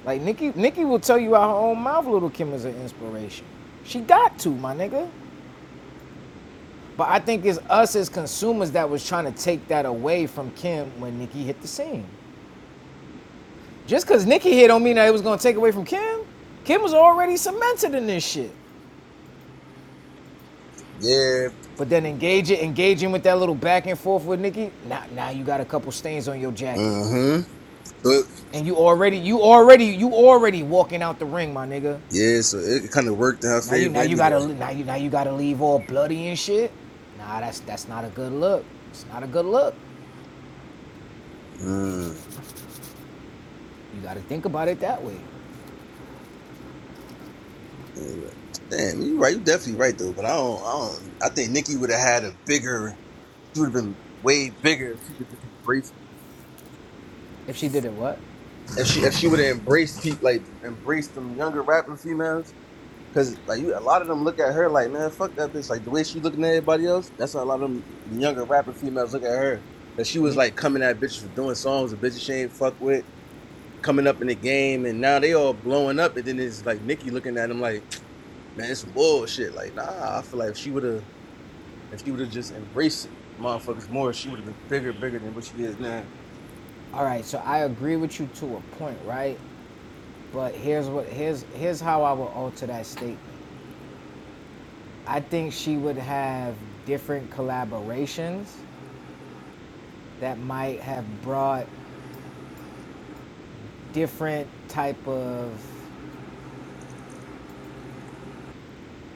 [SPEAKER 7] Like Nikki, Nikki will tell you out her own mouth. Little Kim is an inspiration. She got to my nigga. But I think it's us as consumers that was trying to take that away from Kim when Nikki hit the scene. Just because Nikki hit don't mean that it was gonna take away from Kim. Kim was already cemented in this shit.
[SPEAKER 1] Yeah.
[SPEAKER 7] But then engage it, engaging with that little back and forth with Nikki. Now, now you got a couple stains on your jacket,
[SPEAKER 1] Mm-hmm. So it,
[SPEAKER 7] and you already, you already, you already walking out the ring, my nigga.
[SPEAKER 1] yeah, so it kind of worked in her
[SPEAKER 7] Now you now
[SPEAKER 1] favor
[SPEAKER 7] you gotta
[SPEAKER 1] anyway.
[SPEAKER 7] now you now you gotta leave all bloody and shit. Nah, that's that's not a good look. It's not a good look.
[SPEAKER 1] Mm.
[SPEAKER 7] You gotta think about it that way.
[SPEAKER 1] Damn, you right. You definitely right though. But I don't. I don't. I think Nikki would have had a bigger. She would have been way bigger if she would just embraced.
[SPEAKER 7] If she did it, what?
[SPEAKER 1] If she if she would have embraced people like embraced them younger rapping females, because like you, a lot of them look at her like man, fuck that bitch. Like the way she looking at everybody else, that's how a lot of them younger rapping females look at her. And she was
[SPEAKER 7] You,
[SPEAKER 1] like coming at bitches for doing songs that bitches she ain't fuck with, coming up in the game, and now they all blowing up. And then it's like Nikki looking at them like, man, it's some bullshit. Like nah, I feel like if she would have If she would have just embraced motherfuckers more, she would have been bigger, bigger than what she is now.
[SPEAKER 7] all right. So I agree with you to a point, right? But here's what here's here's how I would alter that statement. I think she would have different collaborations that might have brought different type of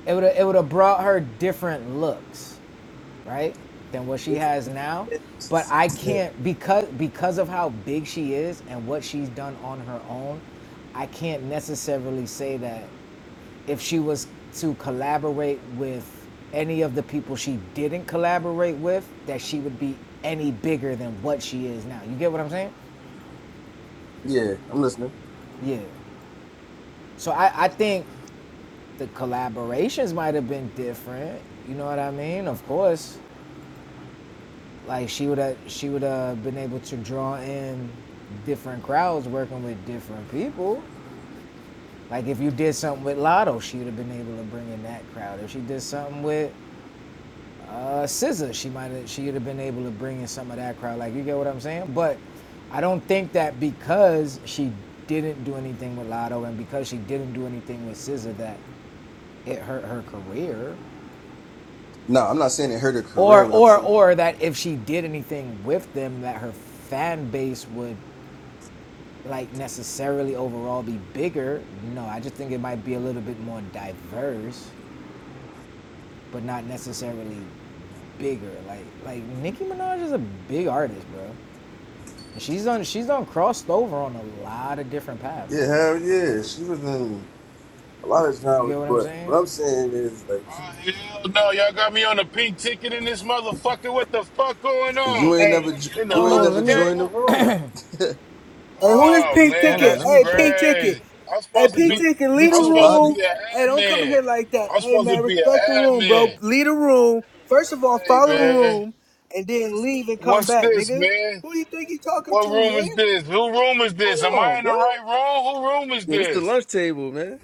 [SPEAKER 7] It would it would have brought her different looks, right? Than what she
[SPEAKER 1] It's
[SPEAKER 7] has
[SPEAKER 1] just
[SPEAKER 7] now. But I
[SPEAKER 1] Yeah.
[SPEAKER 7] can't because because of how big she is and what she's done on her own, I can't necessarily say that if she was to collaborate with any of the people she didn't collaborate with, that she would be any bigger than what she is now. You get what I'm saying?
[SPEAKER 1] Yeah, I'm listening.
[SPEAKER 7] Yeah. So I, I think the collaborations might have been different. You know what I mean? Of course. like she would have she would have been able to draw in different crowds working with different people. Like if you did something with Lotto, she would have been able to bring in that crowd. If she did something with uh Scissor, she might have she would have been able to bring in some of that crowd. Like you get what I'm saying? But I don't think that because she didn't do anything with Lotto and because she didn't do anything with Scissor that it hurt her career
[SPEAKER 1] No, I'm not saying it hurt her career,
[SPEAKER 7] or
[SPEAKER 1] but I'm
[SPEAKER 7] or
[SPEAKER 1] saying
[SPEAKER 7] or that if she did anything with them that her fan base would like necessarily overall be bigger. No, I just think it might be a little bit more diverse, but not necessarily bigger. Like like Nicki Minaj is a big artist, bro. And she's on she's on crossed over on a lot of different paths,
[SPEAKER 1] Yeah,
[SPEAKER 7] bro.
[SPEAKER 1] hell yeah. She was in a lot of
[SPEAKER 7] You
[SPEAKER 1] genres,
[SPEAKER 7] get what I'm
[SPEAKER 1] but
[SPEAKER 7] saying?
[SPEAKER 1] what I'm saying is like
[SPEAKER 8] Oh,
[SPEAKER 1] she,
[SPEAKER 8] hell no. Y'all got me on a pink ticket in this motherfucker. What the fuck going
[SPEAKER 1] you
[SPEAKER 8] on?
[SPEAKER 1] ain't
[SPEAKER 3] Hey.
[SPEAKER 1] never jo-
[SPEAKER 8] In the
[SPEAKER 1] you ain't
[SPEAKER 7] Oh,
[SPEAKER 1] never
[SPEAKER 7] let
[SPEAKER 8] lunch
[SPEAKER 7] me
[SPEAKER 1] joined the
[SPEAKER 8] table?
[SPEAKER 1] room.
[SPEAKER 3] Hey, who is
[SPEAKER 8] Oh,
[SPEAKER 3] Pink
[SPEAKER 8] man,
[SPEAKER 7] hold up,
[SPEAKER 3] Ticket?
[SPEAKER 8] that's
[SPEAKER 7] let me
[SPEAKER 3] Hey,
[SPEAKER 7] check.
[SPEAKER 3] Pink Ticket.
[SPEAKER 8] crazy. I'm
[SPEAKER 3] Hey,
[SPEAKER 8] supposed to
[SPEAKER 3] Pink
[SPEAKER 1] you
[SPEAKER 8] be,
[SPEAKER 3] Ticket,
[SPEAKER 1] you
[SPEAKER 3] lead the
[SPEAKER 8] I'm
[SPEAKER 1] too,
[SPEAKER 8] supposed to
[SPEAKER 1] Bobby.
[SPEAKER 8] be
[SPEAKER 3] room. Hey,
[SPEAKER 8] an
[SPEAKER 3] don't come in
[SPEAKER 8] admin.
[SPEAKER 3] here like that.
[SPEAKER 8] I'm
[SPEAKER 3] Hey,
[SPEAKER 8] supposed to
[SPEAKER 3] man,
[SPEAKER 8] be
[SPEAKER 3] respect the
[SPEAKER 8] an
[SPEAKER 3] room, bro.
[SPEAKER 8] admin.
[SPEAKER 3] Lead the room. First of all,
[SPEAKER 8] Hey,
[SPEAKER 3] follow the
[SPEAKER 8] man.
[SPEAKER 3] room, and then leave and come
[SPEAKER 8] What's
[SPEAKER 3] back,
[SPEAKER 8] this,
[SPEAKER 3] nigga.
[SPEAKER 8] man?
[SPEAKER 3] Who do you think you talking
[SPEAKER 8] What
[SPEAKER 3] to,
[SPEAKER 8] room
[SPEAKER 3] man?
[SPEAKER 8] is this? Who room is this? Am
[SPEAKER 3] Hold
[SPEAKER 8] I
[SPEAKER 3] on,
[SPEAKER 8] in
[SPEAKER 3] bro.
[SPEAKER 8] the right room? Who room is
[SPEAKER 1] Yeah, this the
[SPEAKER 8] this?
[SPEAKER 1] lunch table, man.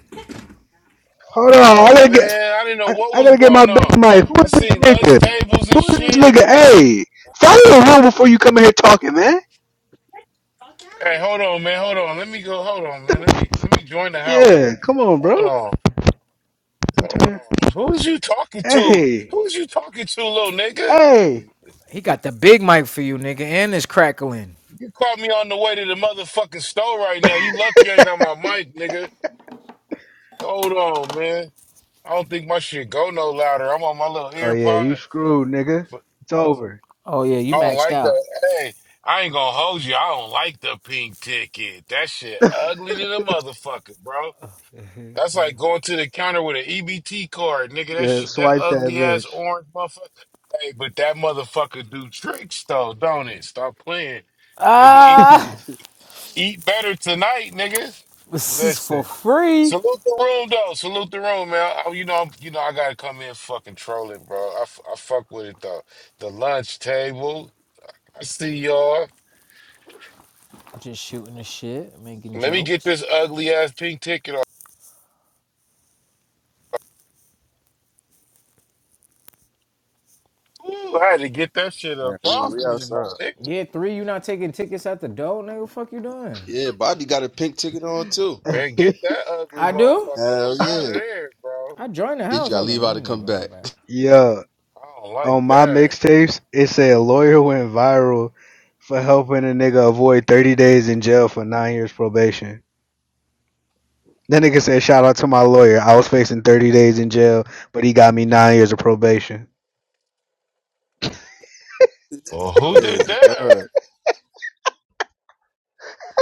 [SPEAKER 3] Hold on, I
[SPEAKER 8] Oh,
[SPEAKER 3] gotta get,
[SPEAKER 8] man. I didn't know
[SPEAKER 3] I,
[SPEAKER 8] what
[SPEAKER 3] I
[SPEAKER 8] was
[SPEAKER 3] gotta get my
[SPEAKER 8] going on.
[SPEAKER 3] big mic. Who
[SPEAKER 8] I
[SPEAKER 3] is this
[SPEAKER 8] seen lunch
[SPEAKER 3] nigga?
[SPEAKER 8] tables and
[SPEAKER 3] Who is this
[SPEAKER 8] shit.
[SPEAKER 3] nigga? Hey, follow the room before you come in here talking, man.
[SPEAKER 8] Hey, hold on, man. Hold on. Let me go. Hold on, man. Let me let me join the house.
[SPEAKER 3] Yeah, come on,
[SPEAKER 8] Hold
[SPEAKER 3] bro.
[SPEAKER 8] on. Hold on. Who's you talking to?
[SPEAKER 3] Hey,
[SPEAKER 8] Who's you talking to, little nigga?
[SPEAKER 3] hey.
[SPEAKER 7] He got the big mic for you, nigga, and it's crackling.
[SPEAKER 8] You caught me on the way to the motherfucking store right now. You lucky I ain't got my mic, nigga. Hold on, man. I don't think my shit go no louder. I'm on my little
[SPEAKER 3] Oh
[SPEAKER 8] ear
[SPEAKER 3] yeah, you
[SPEAKER 8] pod,
[SPEAKER 3] screwed, nigga.
[SPEAKER 8] but
[SPEAKER 3] It's over.
[SPEAKER 7] Oh yeah, you
[SPEAKER 8] I don't
[SPEAKER 7] maxed
[SPEAKER 8] like
[SPEAKER 7] out.
[SPEAKER 8] that. Hey, I ain't gonna hold you. I don't like the pink ticket. That shit ugly to the motherfucker, bro. That's like going to the counter with an EBT card, nigga. That
[SPEAKER 3] Yeah,
[SPEAKER 8] shit, that
[SPEAKER 3] swipe
[SPEAKER 8] ugly
[SPEAKER 3] that
[SPEAKER 8] ass orange motherfucker. Hey, but that motherfucker do tricks though, don't it? Stop playing, nigga. Eat,
[SPEAKER 7] Ah,
[SPEAKER 3] bitch.
[SPEAKER 8] eat better tonight, nigga.
[SPEAKER 7] this is for
[SPEAKER 8] Listen,
[SPEAKER 7] free.
[SPEAKER 8] salute the room though. Salute the room, man. I, you know, I'm, you know, I gotta come in fucking trolling, bro. I, f- I fuck with it though. The lunch table. I see y'all.
[SPEAKER 7] Just shooting the shit, making
[SPEAKER 8] Let me get
[SPEAKER 7] jokes.
[SPEAKER 8] this ugly ass pink ticket off. Ooh, I had to get that shit
[SPEAKER 1] Hell
[SPEAKER 8] up
[SPEAKER 1] yeah,
[SPEAKER 8] off
[SPEAKER 1] we
[SPEAKER 8] me, my
[SPEAKER 1] outside.
[SPEAKER 8] nigga.
[SPEAKER 7] Yeah, three. You not taking tickets at the door, nigga? Fuck you doing?
[SPEAKER 1] Yeah, Bobby got a pink ticket on too.
[SPEAKER 8] Man, get that ugly
[SPEAKER 7] I do.
[SPEAKER 8] motherfucker up
[SPEAKER 1] Hell
[SPEAKER 8] out
[SPEAKER 1] yeah.
[SPEAKER 8] of there, bro.
[SPEAKER 7] I joined the
[SPEAKER 1] Yeah, you
[SPEAKER 7] house.
[SPEAKER 1] gotta
[SPEAKER 7] Hold on,
[SPEAKER 1] leave
[SPEAKER 7] let
[SPEAKER 1] out
[SPEAKER 7] me
[SPEAKER 1] to
[SPEAKER 7] leave
[SPEAKER 1] come
[SPEAKER 7] and come
[SPEAKER 1] back.
[SPEAKER 7] back.
[SPEAKER 3] yeah,
[SPEAKER 8] I don't like
[SPEAKER 3] on my
[SPEAKER 8] that.
[SPEAKER 3] mixtapes, it said a lawyer went viral for helping a nigga avoid 30 days in jail for nine years probation. That nigga said, shout out to my lawyer. I was facing 30 days in jail, but he got me nine years of probation.
[SPEAKER 8] Well, who did
[SPEAKER 1] Crazy,
[SPEAKER 8] that?
[SPEAKER 1] bro.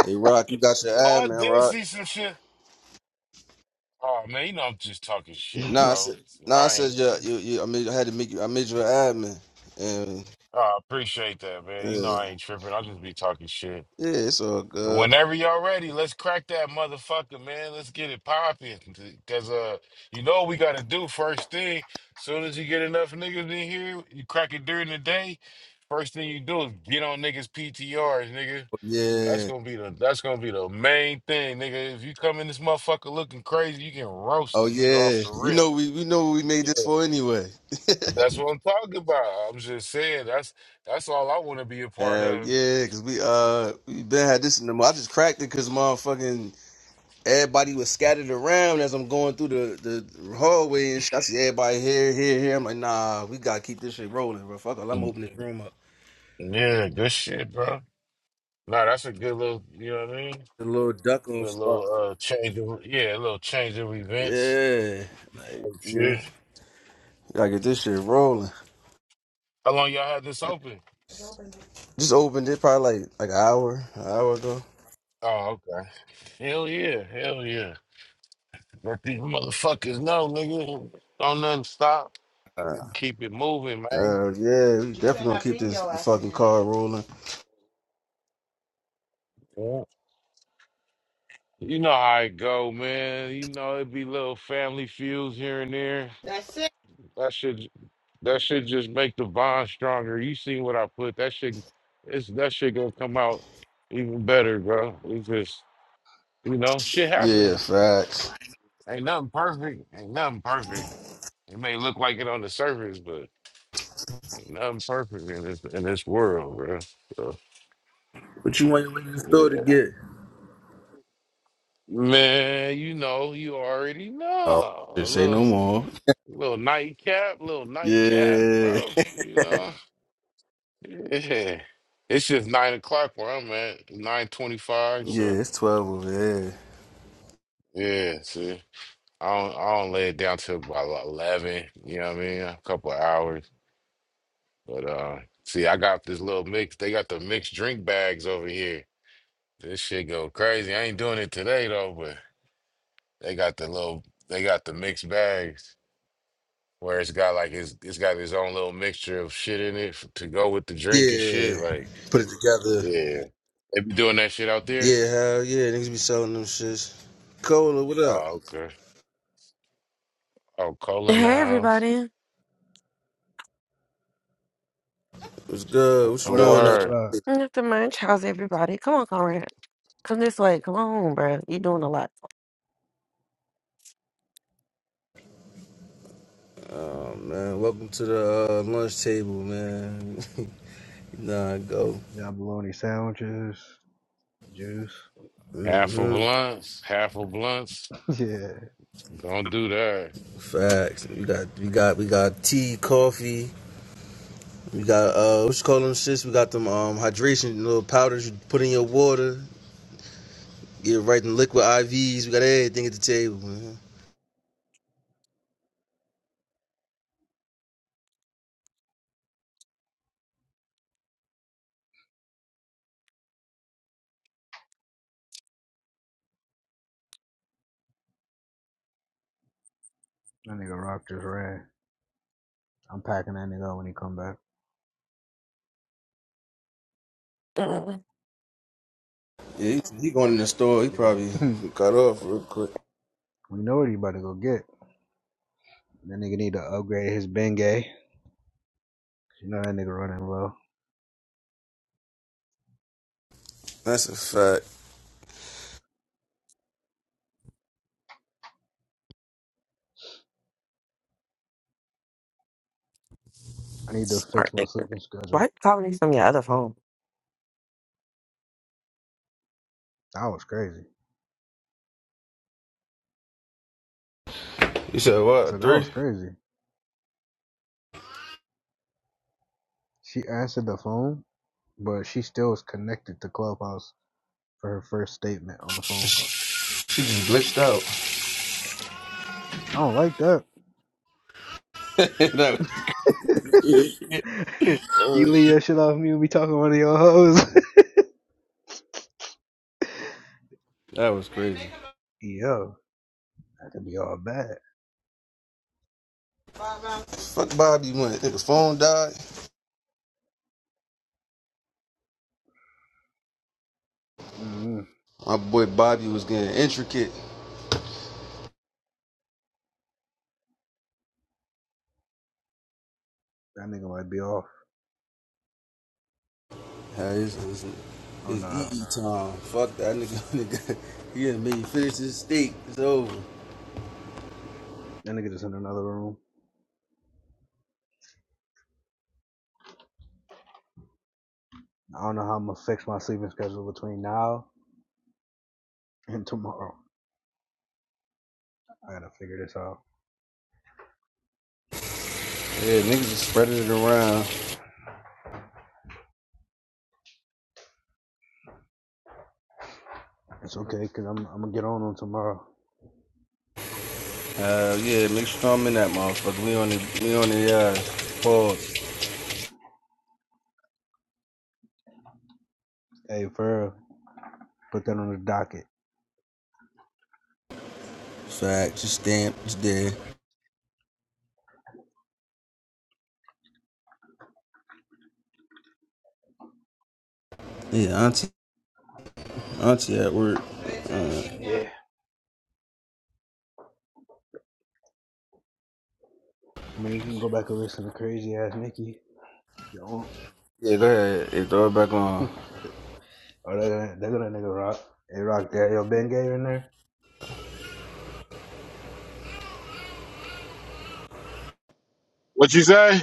[SPEAKER 1] Hey Rock, you got your
[SPEAKER 8] Oh,
[SPEAKER 1] ad
[SPEAKER 8] I
[SPEAKER 1] man,
[SPEAKER 8] did
[SPEAKER 1] Rock.
[SPEAKER 8] see some shit. Oh man, you know I'm just talking shit,
[SPEAKER 1] Nah, I said,
[SPEAKER 8] bro.
[SPEAKER 1] nah, I
[SPEAKER 8] I
[SPEAKER 1] said
[SPEAKER 8] ain't.
[SPEAKER 1] yeah, you, you, I made, I had to make you, I made you an ad man, and
[SPEAKER 8] I appreciate that, man. You know
[SPEAKER 1] uh,
[SPEAKER 8] I ain't tripping. I'll just be talking shit.
[SPEAKER 1] yeah, it's all good.
[SPEAKER 8] Whenever y'all ready, let's crack that motherfucker, man. Let's get it popping. Cause uh, you know what we gotta do first thing. Soon as you get enough niggas in here, you crack it during the day. First thing you do is get on niggas PTRs, nigga. That's
[SPEAKER 1] Yeah,
[SPEAKER 8] gonna be the that's gonna be the main thing, nigga. If you come in this motherfucker looking crazy, you can roast
[SPEAKER 1] oh
[SPEAKER 8] it, nigga, off
[SPEAKER 1] yeah,
[SPEAKER 8] the
[SPEAKER 1] you
[SPEAKER 8] rip.
[SPEAKER 1] know we, we know what we made this
[SPEAKER 8] Yeah,
[SPEAKER 1] for anyway.
[SPEAKER 8] that's what I'm talking about. I'm just saying that's that's all I want to be a part
[SPEAKER 1] Hell
[SPEAKER 8] of.
[SPEAKER 1] yeah, cause we uh we been had this in the. mo- I just cracked it cause motherfucking everybody was scattered around as I'm going through the the hallway and shit. I see everybody here, here, here. I'm like, nah, we gotta keep this shit rolling, bro. Fuck, it, I'm
[SPEAKER 8] Mm,
[SPEAKER 1] opening this room up.
[SPEAKER 8] Yeah, good shit, bro. Nah, that's a good little, you know what I mean?
[SPEAKER 1] The little duck off
[SPEAKER 8] Good
[SPEAKER 1] spot.
[SPEAKER 8] little uh change of yeah, a little change of events.
[SPEAKER 1] Yeah, like
[SPEAKER 8] type
[SPEAKER 1] yeah,
[SPEAKER 8] shit.
[SPEAKER 1] gotta get this shit rolling.
[SPEAKER 8] How long y'all had this open?
[SPEAKER 1] Just opened it probably like like an hour, an hour ago.
[SPEAKER 8] Oh, okay. Hell yeah, hell yeah. Let these motherfuckers know, nigga. Don't nothing stop.
[SPEAKER 1] Uh,
[SPEAKER 8] Keep it moving,
[SPEAKER 1] uh yeah, we definitely gonna keep this fucking car rolling.
[SPEAKER 8] man. You know how it go, man. You know it be little family feuds here and there. That should that should just make the bond stronger. You seen what I put? That shit, it's that shit gonna come out even better, bro. It's just you know shit
[SPEAKER 1] Yeah,
[SPEAKER 8] happen.
[SPEAKER 1] facts.
[SPEAKER 8] Ain't nothing perfect. Ain't nothing perfect. It may look like it on the surface, but ain't nothing perfect in this in this world, bro. So,
[SPEAKER 1] What you want to in the store to
[SPEAKER 8] yeah,
[SPEAKER 1] get?
[SPEAKER 8] man. You know you already
[SPEAKER 1] Oh,
[SPEAKER 8] know a
[SPEAKER 1] shit, say
[SPEAKER 8] little.
[SPEAKER 1] no more.
[SPEAKER 8] Little nightcap, little nightcap,
[SPEAKER 1] Yeah,
[SPEAKER 8] bro. You know, yeah. It's just nine o'clock where I'm at, nine twenty-five.
[SPEAKER 1] yeah,
[SPEAKER 8] So
[SPEAKER 1] it's twelve over there.
[SPEAKER 8] yeah, see, I don't, I don't lay it down till about like eleven. You know what I mean? A couple of hours. But uh, see, I got this little mix. They got the mixed drink bags over here. This shit go crazy. I ain't doing it today though, but they got the little, they got the mixed bags where it's got like it's, it's got its own little mixture of shit in it f- to go with the drink and
[SPEAKER 1] Yeah,
[SPEAKER 8] shit, like.
[SPEAKER 1] put it together.
[SPEAKER 8] Yeah. They be doing that shit out there?
[SPEAKER 1] Yeah, hell yeah, niggas be selling them shits. Cola, what up?
[SPEAKER 8] Oh, okay. Oh, Cole in the
[SPEAKER 9] Hey
[SPEAKER 8] house.
[SPEAKER 9] everybody.
[SPEAKER 1] What's good? What
[SPEAKER 8] The
[SPEAKER 1] you
[SPEAKER 3] What up, what
[SPEAKER 1] doing
[SPEAKER 3] up, what
[SPEAKER 8] word.
[SPEAKER 1] up?
[SPEAKER 3] up?
[SPEAKER 9] Nothing much. How's everybody? Come on, Conrad. Come this way. Come on, bro. you doing a lot.
[SPEAKER 1] Oh man, welcome to the uh, lunch table, man. nah, go.
[SPEAKER 3] Yeah, bologna sandwiches, juice.
[SPEAKER 8] Half a
[SPEAKER 1] hmm
[SPEAKER 8] blunts. Half a blunts. Don't do that.
[SPEAKER 1] Facts. We got we got we got tea, coffee. We got uh, what you call them shits? We got them um hydration little powders you put in your water. Get right in liquid IVs. We got everything at the table, man.
[SPEAKER 3] Yeah, that nigga Rock just ran. I'm packing that nigga up when he come back.
[SPEAKER 9] Mm,
[SPEAKER 1] Yeah, he, he going in the store. He probably
[SPEAKER 3] Yeah.
[SPEAKER 1] got off real quick.
[SPEAKER 3] We know what he about to go get. That nigga need to upgrade his Bengay. You know that nigga running low.
[SPEAKER 1] That's a fact.
[SPEAKER 3] I need to
[SPEAKER 9] Smart
[SPEAKER 3] fix my
[SPEAKER 9] nigga.
[SPEAKER 3] sleeping
[SPEAKER 9] Why you
[SPEAKER 3] schedule.
[SPEAKER 9] calling me from your other phone?
[SPEAKER 3] That was crazy.
[SPEAKER 1] You said
[SPEAKER 3] I
[SPEAKER 1] what?
[SPEAKER 3] said, that
[SPEAKER 1] Three?
[SPEAKER 3] was crazy. She answered the phone, but she still was connected to Clubhouse for her first statement on the phone. call.
[SPEAKER 1] She just glitched out.
[SPEAKER 3] I don't like that.
[SPEAKER 1] that,
[SPEAKER 3] you leave
[SPEAKER 1] was,
[SPEAKER 3] your shit off me and be talking to one of your hoes.
[SPEAKER 1] that was crazy.
[SPEAKER 3] Yo, that could be all bad.
[SPEAKER 1] Fuck Bobby went. I think his phone died.
[SPEAKER 3] mm
[SPEAKER 1] My boy Bobby was getting intricate.
[SPEAKER 3] That nigga might be off.
[SPEAKER 1] Yeah, it's, it's,
[SPEAKER 3] Oh
[SPEAKER 1] it's
[SPEAKER 3] nah.
[SPEAKER 1] EE time. Fuck that nigga. nigga. He done made me finish his steak. It's over.
[SPEAKER 3] That nigga just in another room. I don't know how I'm gonna fix my sleeping schedule between now and tomorrow. I gotta figure this out.
[SPEAKER 1] Yeah, niggas is spreading it around.
[SPEAKER 3] It's okay, cause I'm I'm gonna get on on tomorrow.
[SPEAKER 1] Uh, yeah, make sure I'm in that motherfucker. We on the we on the uh pause.
[SPEAKER 3] Hey, Farrell, put that on the docket.
[SPEAKER 1] Facts, it's stamped, it's dead. Yeah, auntie, auntie at work. Uh,
[SPEAKER 3] Yeah. I mean, we can go back and listen to crazy ass Nikki. Yo.
[SPEAKER 1] yeah, go ahead. Hey, throw it back
[SPEAKER 3] oh,
[SPEAKER 1] on.
[SPEAKER 3] they gonna they gonna nigga rock. They rock that Yo, Ben Gay in there.
[SPEAKER 8] What you say?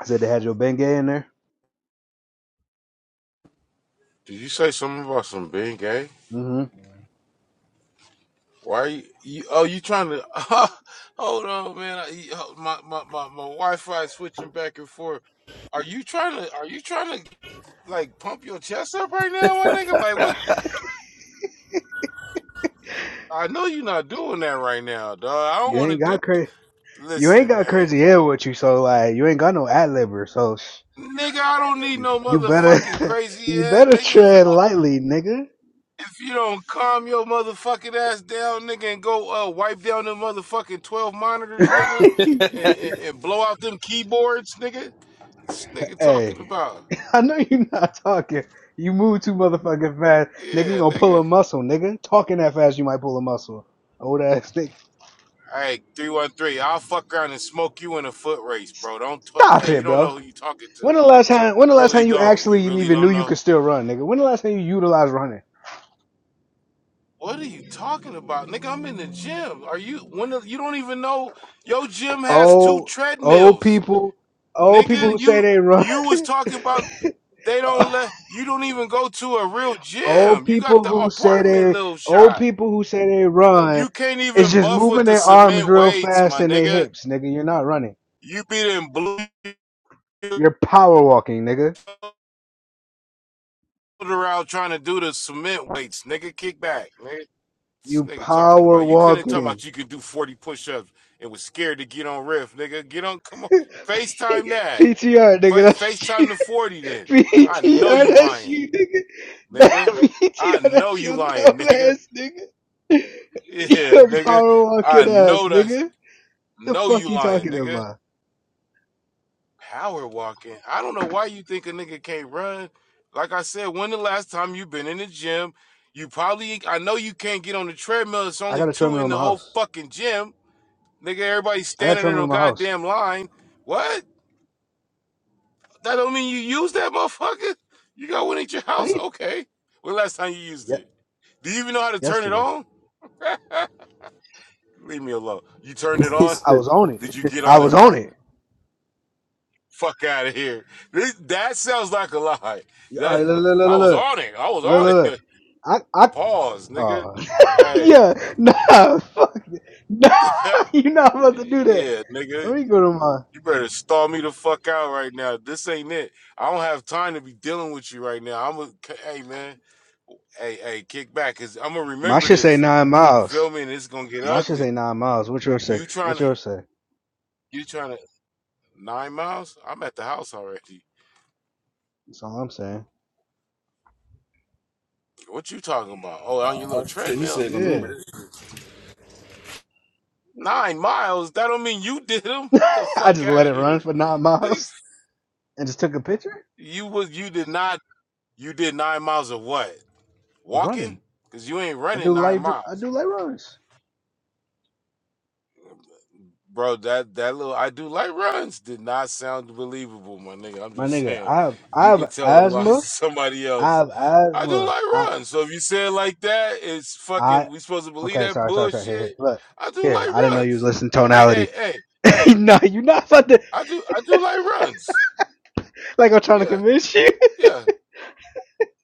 [SPEAKER 3] I said they had your Ben Gay in there.
[SPEAKER 8] Did you say something about some being gay?
[SPEAKER 3] hmm
[SPEAKER 8] Why you, you oh you trying to hold on man I, you- oh, my, my, my, my Wi-Fi is switching back and forth. Are you trying to are you trying to like pump your chest up right now, my nigga? Like what I know you're not doing that right now, dog. I don't
[SPEAKER 3] You
[SPEAKER 8] wanna
[SPEAKER 3] ain't
[SPEAKER 8] do
[SPEAKER 3] got crazy. You ain't
[SPEAKER 8] listen,
[SPEAKER 3] got
[SPEAKER 8] man.
[SPEAKER 3] crazy hair with you, so like you ain't got no ad libber. So
[SPEAKER 8] Nigga, I don't need no
[SPEAKER 3] you better
[SPEAKER 8] motherfucking crazy
[SPEAKER 3] you
[SPEAKER 8] ass
[SPEAKER 3] better
[SPEAKER 8] nigga. If,
[SPEAKER 3] tread lightly, nigga.
[SPEAKER 8] if you don't calm your motherfucking ass down, nigga, and go uh, wipe down them motherfucking twelve monitors, nigga, and, and, and blow out them keyboards, nigga. This nigga talking
[SPEAKER 3] Hey.
[SPEAKER 8] about,
[SPEAKER 3] I know you're not talking. You move too motherfucking fast, nigga. You
[SPEAKER 8] yeah,
[SPEAKER 3] gonna pull
[SPEAKER 8] nigga.
[SPEAKER 3] a muscle, nigga. Talking that fast, you might pull a muscle. Old ass nigga.
[SPEAKER 8] All right, three one three. I'll fuck around and smoke you in a foot race, bro. Don't t-
[SPEAKER 3] Stop
[SPEAKER 8] hey, you
[SPEAKER 3] it,
[SPEAKER 8] don't know
[SPEAKER 3] bro.
[SPEAKER 8] who you talking
[SPEAKER 3] When
[SPEAKER 8] to.
[SPEAKER 3] the last time? When the last
[SPEAKER 8] Really
[SPEAKER 3] time you
[SPEAKER 8] don't. You
[SPEAKER 3] actually
[SPEAKER 8] really
[SPEAKER 3] even knew
[SPEAKER 8] don't
[SPEAKER 3] you
[SPEAKER 8] know.
[SPEAKER 3] could still run, nigga? When the last time you utilized running?
[SPEAKER 8] What are you talking about, nigga? I'm in the gym. Are you one of you don't even know your gym has two
[SPEAKER 3] Old, old
[SPEAKER 8] treadmills,
[SPEAKER 3] people, old people
[SPEAKER 8] nigga?
[SPEAKER 3] who say
[SPEAKER 8] You
[SPEAKER 3] they run,
[SPEAKER 8] you was talking about they don't let you don't even go to a real
[SPEAKER 3] old
[SPEAKER 8] gym. You got
[SPEAKER 3] people
[SPEAKER 8] the
[SPEAKER 3] who say
[SPEAKER 8] apartment
[SPEAKER 3] they,
[SPEAKER 8] little
[SPEAKER 3] old
[SPEAKER 8] shot.
[SPEAKER 3] people who say they run,
[SPEAKER 8] You can't
[SPEAKER 3] is
[SPEAKER 8] even
[SPEAKER 3] just
[SPEAKER 8] buff with
[SPEAKER 3] moving
[SPEAKER 8] the
[SPEAKER 3] their arms
[SPEAKER 8] cement
[SPEAKER 3] real
[SPEAKER 8] weights,
[SPEAKER 3] fast
[SPEAKER 8] my
[SPEAKER 3] and their
[SPEAKER 8] nigga.
[SPEAKER 3] hips, nigga. You're not running.
[SPEAKER 8] You be in blue
[SPEAKER 3] You're power walking, nigga.
[SPEAKER 8] around trying to do the cement weights, nigga. Kick back, nigga. This
[SPEAKER 3] You
[SPEAKER 8] nigga talking
[SPEAKER 3] power
[SPEAKER 8] about you couldn't talk
[SPEAKER 3] walking.
[SPEAKER 8] about you could do 40 push-ups and was scared to get on riff, nigga. Get on, come on. FaceTime that.
[SPEAKER 3] PTR, nigga.
[SPEAKER 8] Fa
[SPEAKER 3] That's you.
[SPEAKER 8] FaceTime the 40 then. I know
[SPEAKER 3] PTR,
[SPEAKER 8] you
[SPEAKER 3] that's
[SPEAKER 8] lying,
[SPEAKER 3] you, nigga. That
[SPEAKER 8] nigga. I
[SPEAKER 3] PTR,
[SPEAKER 8] know
[SPEAKER 3] that's
[SPEAKER 8] you
[SPEAKER 3] your
[SPEAKER 8] lying,
[SPEAKER 3] dumb
[SPEAKER 8] nigga.
[SPEAKER 3] ass, nigga.
[SPEAKER 8] Yeah,
[SPEAKER 3] Your
[SPEAKER 8] nigga.
[SPEAKER 3] power
[SPEAKER 8] I
[SPEAKER 3] walking ass,
[SPEAKER 8] know that.
[SPEAKER 3] nigga. The
[SPEAKER 8] know
[SPEAKER 3] fuck
[SPEAKER 8] you
[SPEAKER 3] you
[SPEAKER 8] lying,
[SPEAKER 3] talking
[SPEAKER 8] nigga.
[SPEAKER 3] about?
[SPEAKER 8] Power walking. I don't know why you think a nigga can't run. Like I said, when the last time you been in the gym, you probably I know you can't get on the treadmill. It's
[SPEAKER 3] I
[SPEAKER 8] only
[SPEAKER 3] got a
[SPEAKER 8] two
[SPEAKER 3] treadmill
[SPEAKER 8] in
[SPEAKER 3] in my
[SPEAKER 8] the whole
[SPEAKER 3] house.
[SPEAKER 8] fucking gym Nigga, everybody's
[SPEAKER 3] I got a
[SPEAKER 8] standing in
[SPEAKER 3] treadmill
[SPEAKER 8] a
[SPEAKER 3] in my house.
[SPEAKER 8] goddamn line. What? That don't mean you use that motherfucker? You got one at your
[SPEAKER 3] How do
[SPEAKER 8] house.
[SPEAKER 3] you?
[SPEAKER 8] Okay. When last time you used
[SPEAKER 3] Yeah,
[SPEAKER 8] it? Do you even know how to turn it
[SPEAKER 3] yesterday.
[SPEAKER 8] on? Leave me alone. You turned it
[SPEAKER 1] He
[SPEAKER 8] on?
[SPEAKER 3] I
[SPEAKER 1] said,
[SPEAKER 3] was on it.
[SPEAKER 8] Did you get
[SPEAKER 3] I
[SPEAKER 8] on it
[SPEAKER 3] was on
[SPEAKER 8] though?
[SPEAKER 3] it.
[SPEAKER 8] Fuck out of here. This, that sounds like a lie.
[SPEAKER 3] Yeah, All
[SPEAKER 8] That
[SPEAKER 3] right, look, look, look,
[SPEAKER 8] I
[SPEAKER 3] look,
[SPEAKER 8] was
[SPEAKER 3] look,
[SPEAKER 8] on it. I was
[SPEAKER 3] look,
[SPEAKER 8] on it.
[SPEAKER 3] look. look. I, I,
[SPEAKER 8] Pause, nigga.
[SPEAKER 3] oh,
[SPEAKER 8] Hey.
[SPEAKER 3] yeah, nah, fuck, it. nah, you're not about to do that.
[SPEAKER 8] yeah, nigga.
[SPEAKER 3] Let me go to my.
[SPEAKER 8] You better stall me the fuck out right now. This ain't it. I don't have time to be dealing with you right now. I'm a hey man. hey, hey, kick back, cause I'm gonna
[SPEAKER 3] My
[SPEAKER 8] remember
[SPEAKER 3] shit say
[SPEAKER 8] this.
[SPEAKER 3] nine
[SPEAKER 8] You feel
[SPEAKER 3] miles.
[SPEAKER 8] me? And it's gonna get
[SPEAKER 3] My shit
[SPEAKER 8] ugly.
[SPEAKER 3] say nine miles. What yours say?
[SPEAKER 8] You trying
[SPEAKER 3] What
[SPEAKER 8] to,
[SPEAKER 3] yours say?
[SPEAKER 8] you trying to nine miles? I'm at the house already.
[SPEAKER 3] That's all I'm saying.
[SPEAKER 8] What you talking about? Oh, on your
[SPEAKER 1] uh,
[SPEAKER 8] little
[SPEAKER 1] he
[SPEAKER 8] treadmill?
[SPEAKER 1] said,
[SPEAKER 3] Yeah.
[SPEAKER 1] remember.
[SPEAKER 8] Nine miles? That don't mean you did them. The
[SPEAKER 3] I
[SPEAKER 8] fuck
[SPEAKER 3] just
[SPEAKER 8] out
[SPEAKER 3] let it
[SPEAKER 8] of
[SPEAKER 3] run
[SPEAKER 8] here.
[SPEAKER 3] for nine miles and just took a picture
[SPEAKER 8] you was, you did not, you did nine miles of what? Walking?
[SPEAKER 3] running.
[SPEAKER 8] Cause you ain't
[SPEAKER 3] I
[SPEAKER 8] running
[SPEAKER 3] do
[SPEAKER 8] nine
[SPEAKER 3] light. dr- I
[SPEAKER 8] miles.
[SPEAKER 3] do light runs.
[SPEAKER 8] Bro, that that little I do like runs did not sound believable, my nigga. I'm
[SPEAKER 3] My
[SPEAKER 8] just
[SPEAKER 3] nigga,
[SPEAKER 8] saying,
[SPEAKER 3] I have I
[SPEAKER 8] you can
[SPEAKER 3] have
[SPEAKER 8] tell them like
[SPEAKER 3] asthma.
[SPEAKER 8] somebody
[SPEAKER 3] I
[SPEAKER 8] else.
[SPEAKER 3] have
[SPEAKER 8] I do
[SPEAKER 3] asthma. I
[SPEAKER 8] like runs, so if you say it like that, it's
[SPEAKER 3] I
[SPEAKER 8] fucking. We supposed to believe
[SPEAKER 3] okay.
[SPEAKER 8] that
[SPEAKER 3] Sorry, sorry, sorry. Here,
[SPEAKER 8] bullshit.
[SPEAKER 3] here. Look
[SPEAKER 8] I do
[SPEAKER 3] here. I
[SPEAKER 8] like
[SPEAKER 3] didn't know you was
[SPEAKER 8] runs.
[SPEAKER 3] listening to
[SPEAKER 8] Hey, hey,
[SPEAKER 3] tonality.
[SPEAKER 8] hey, hey.
[SPEAKER 3] no, you're not about to
[SPEAKER 8] I do I do like runs.
[SPEAKER 3] like I'm trying to
[SPEAKER 8] Yeah,
[SPEAKER 3] convince you.
[SPEAKER 8] yeah,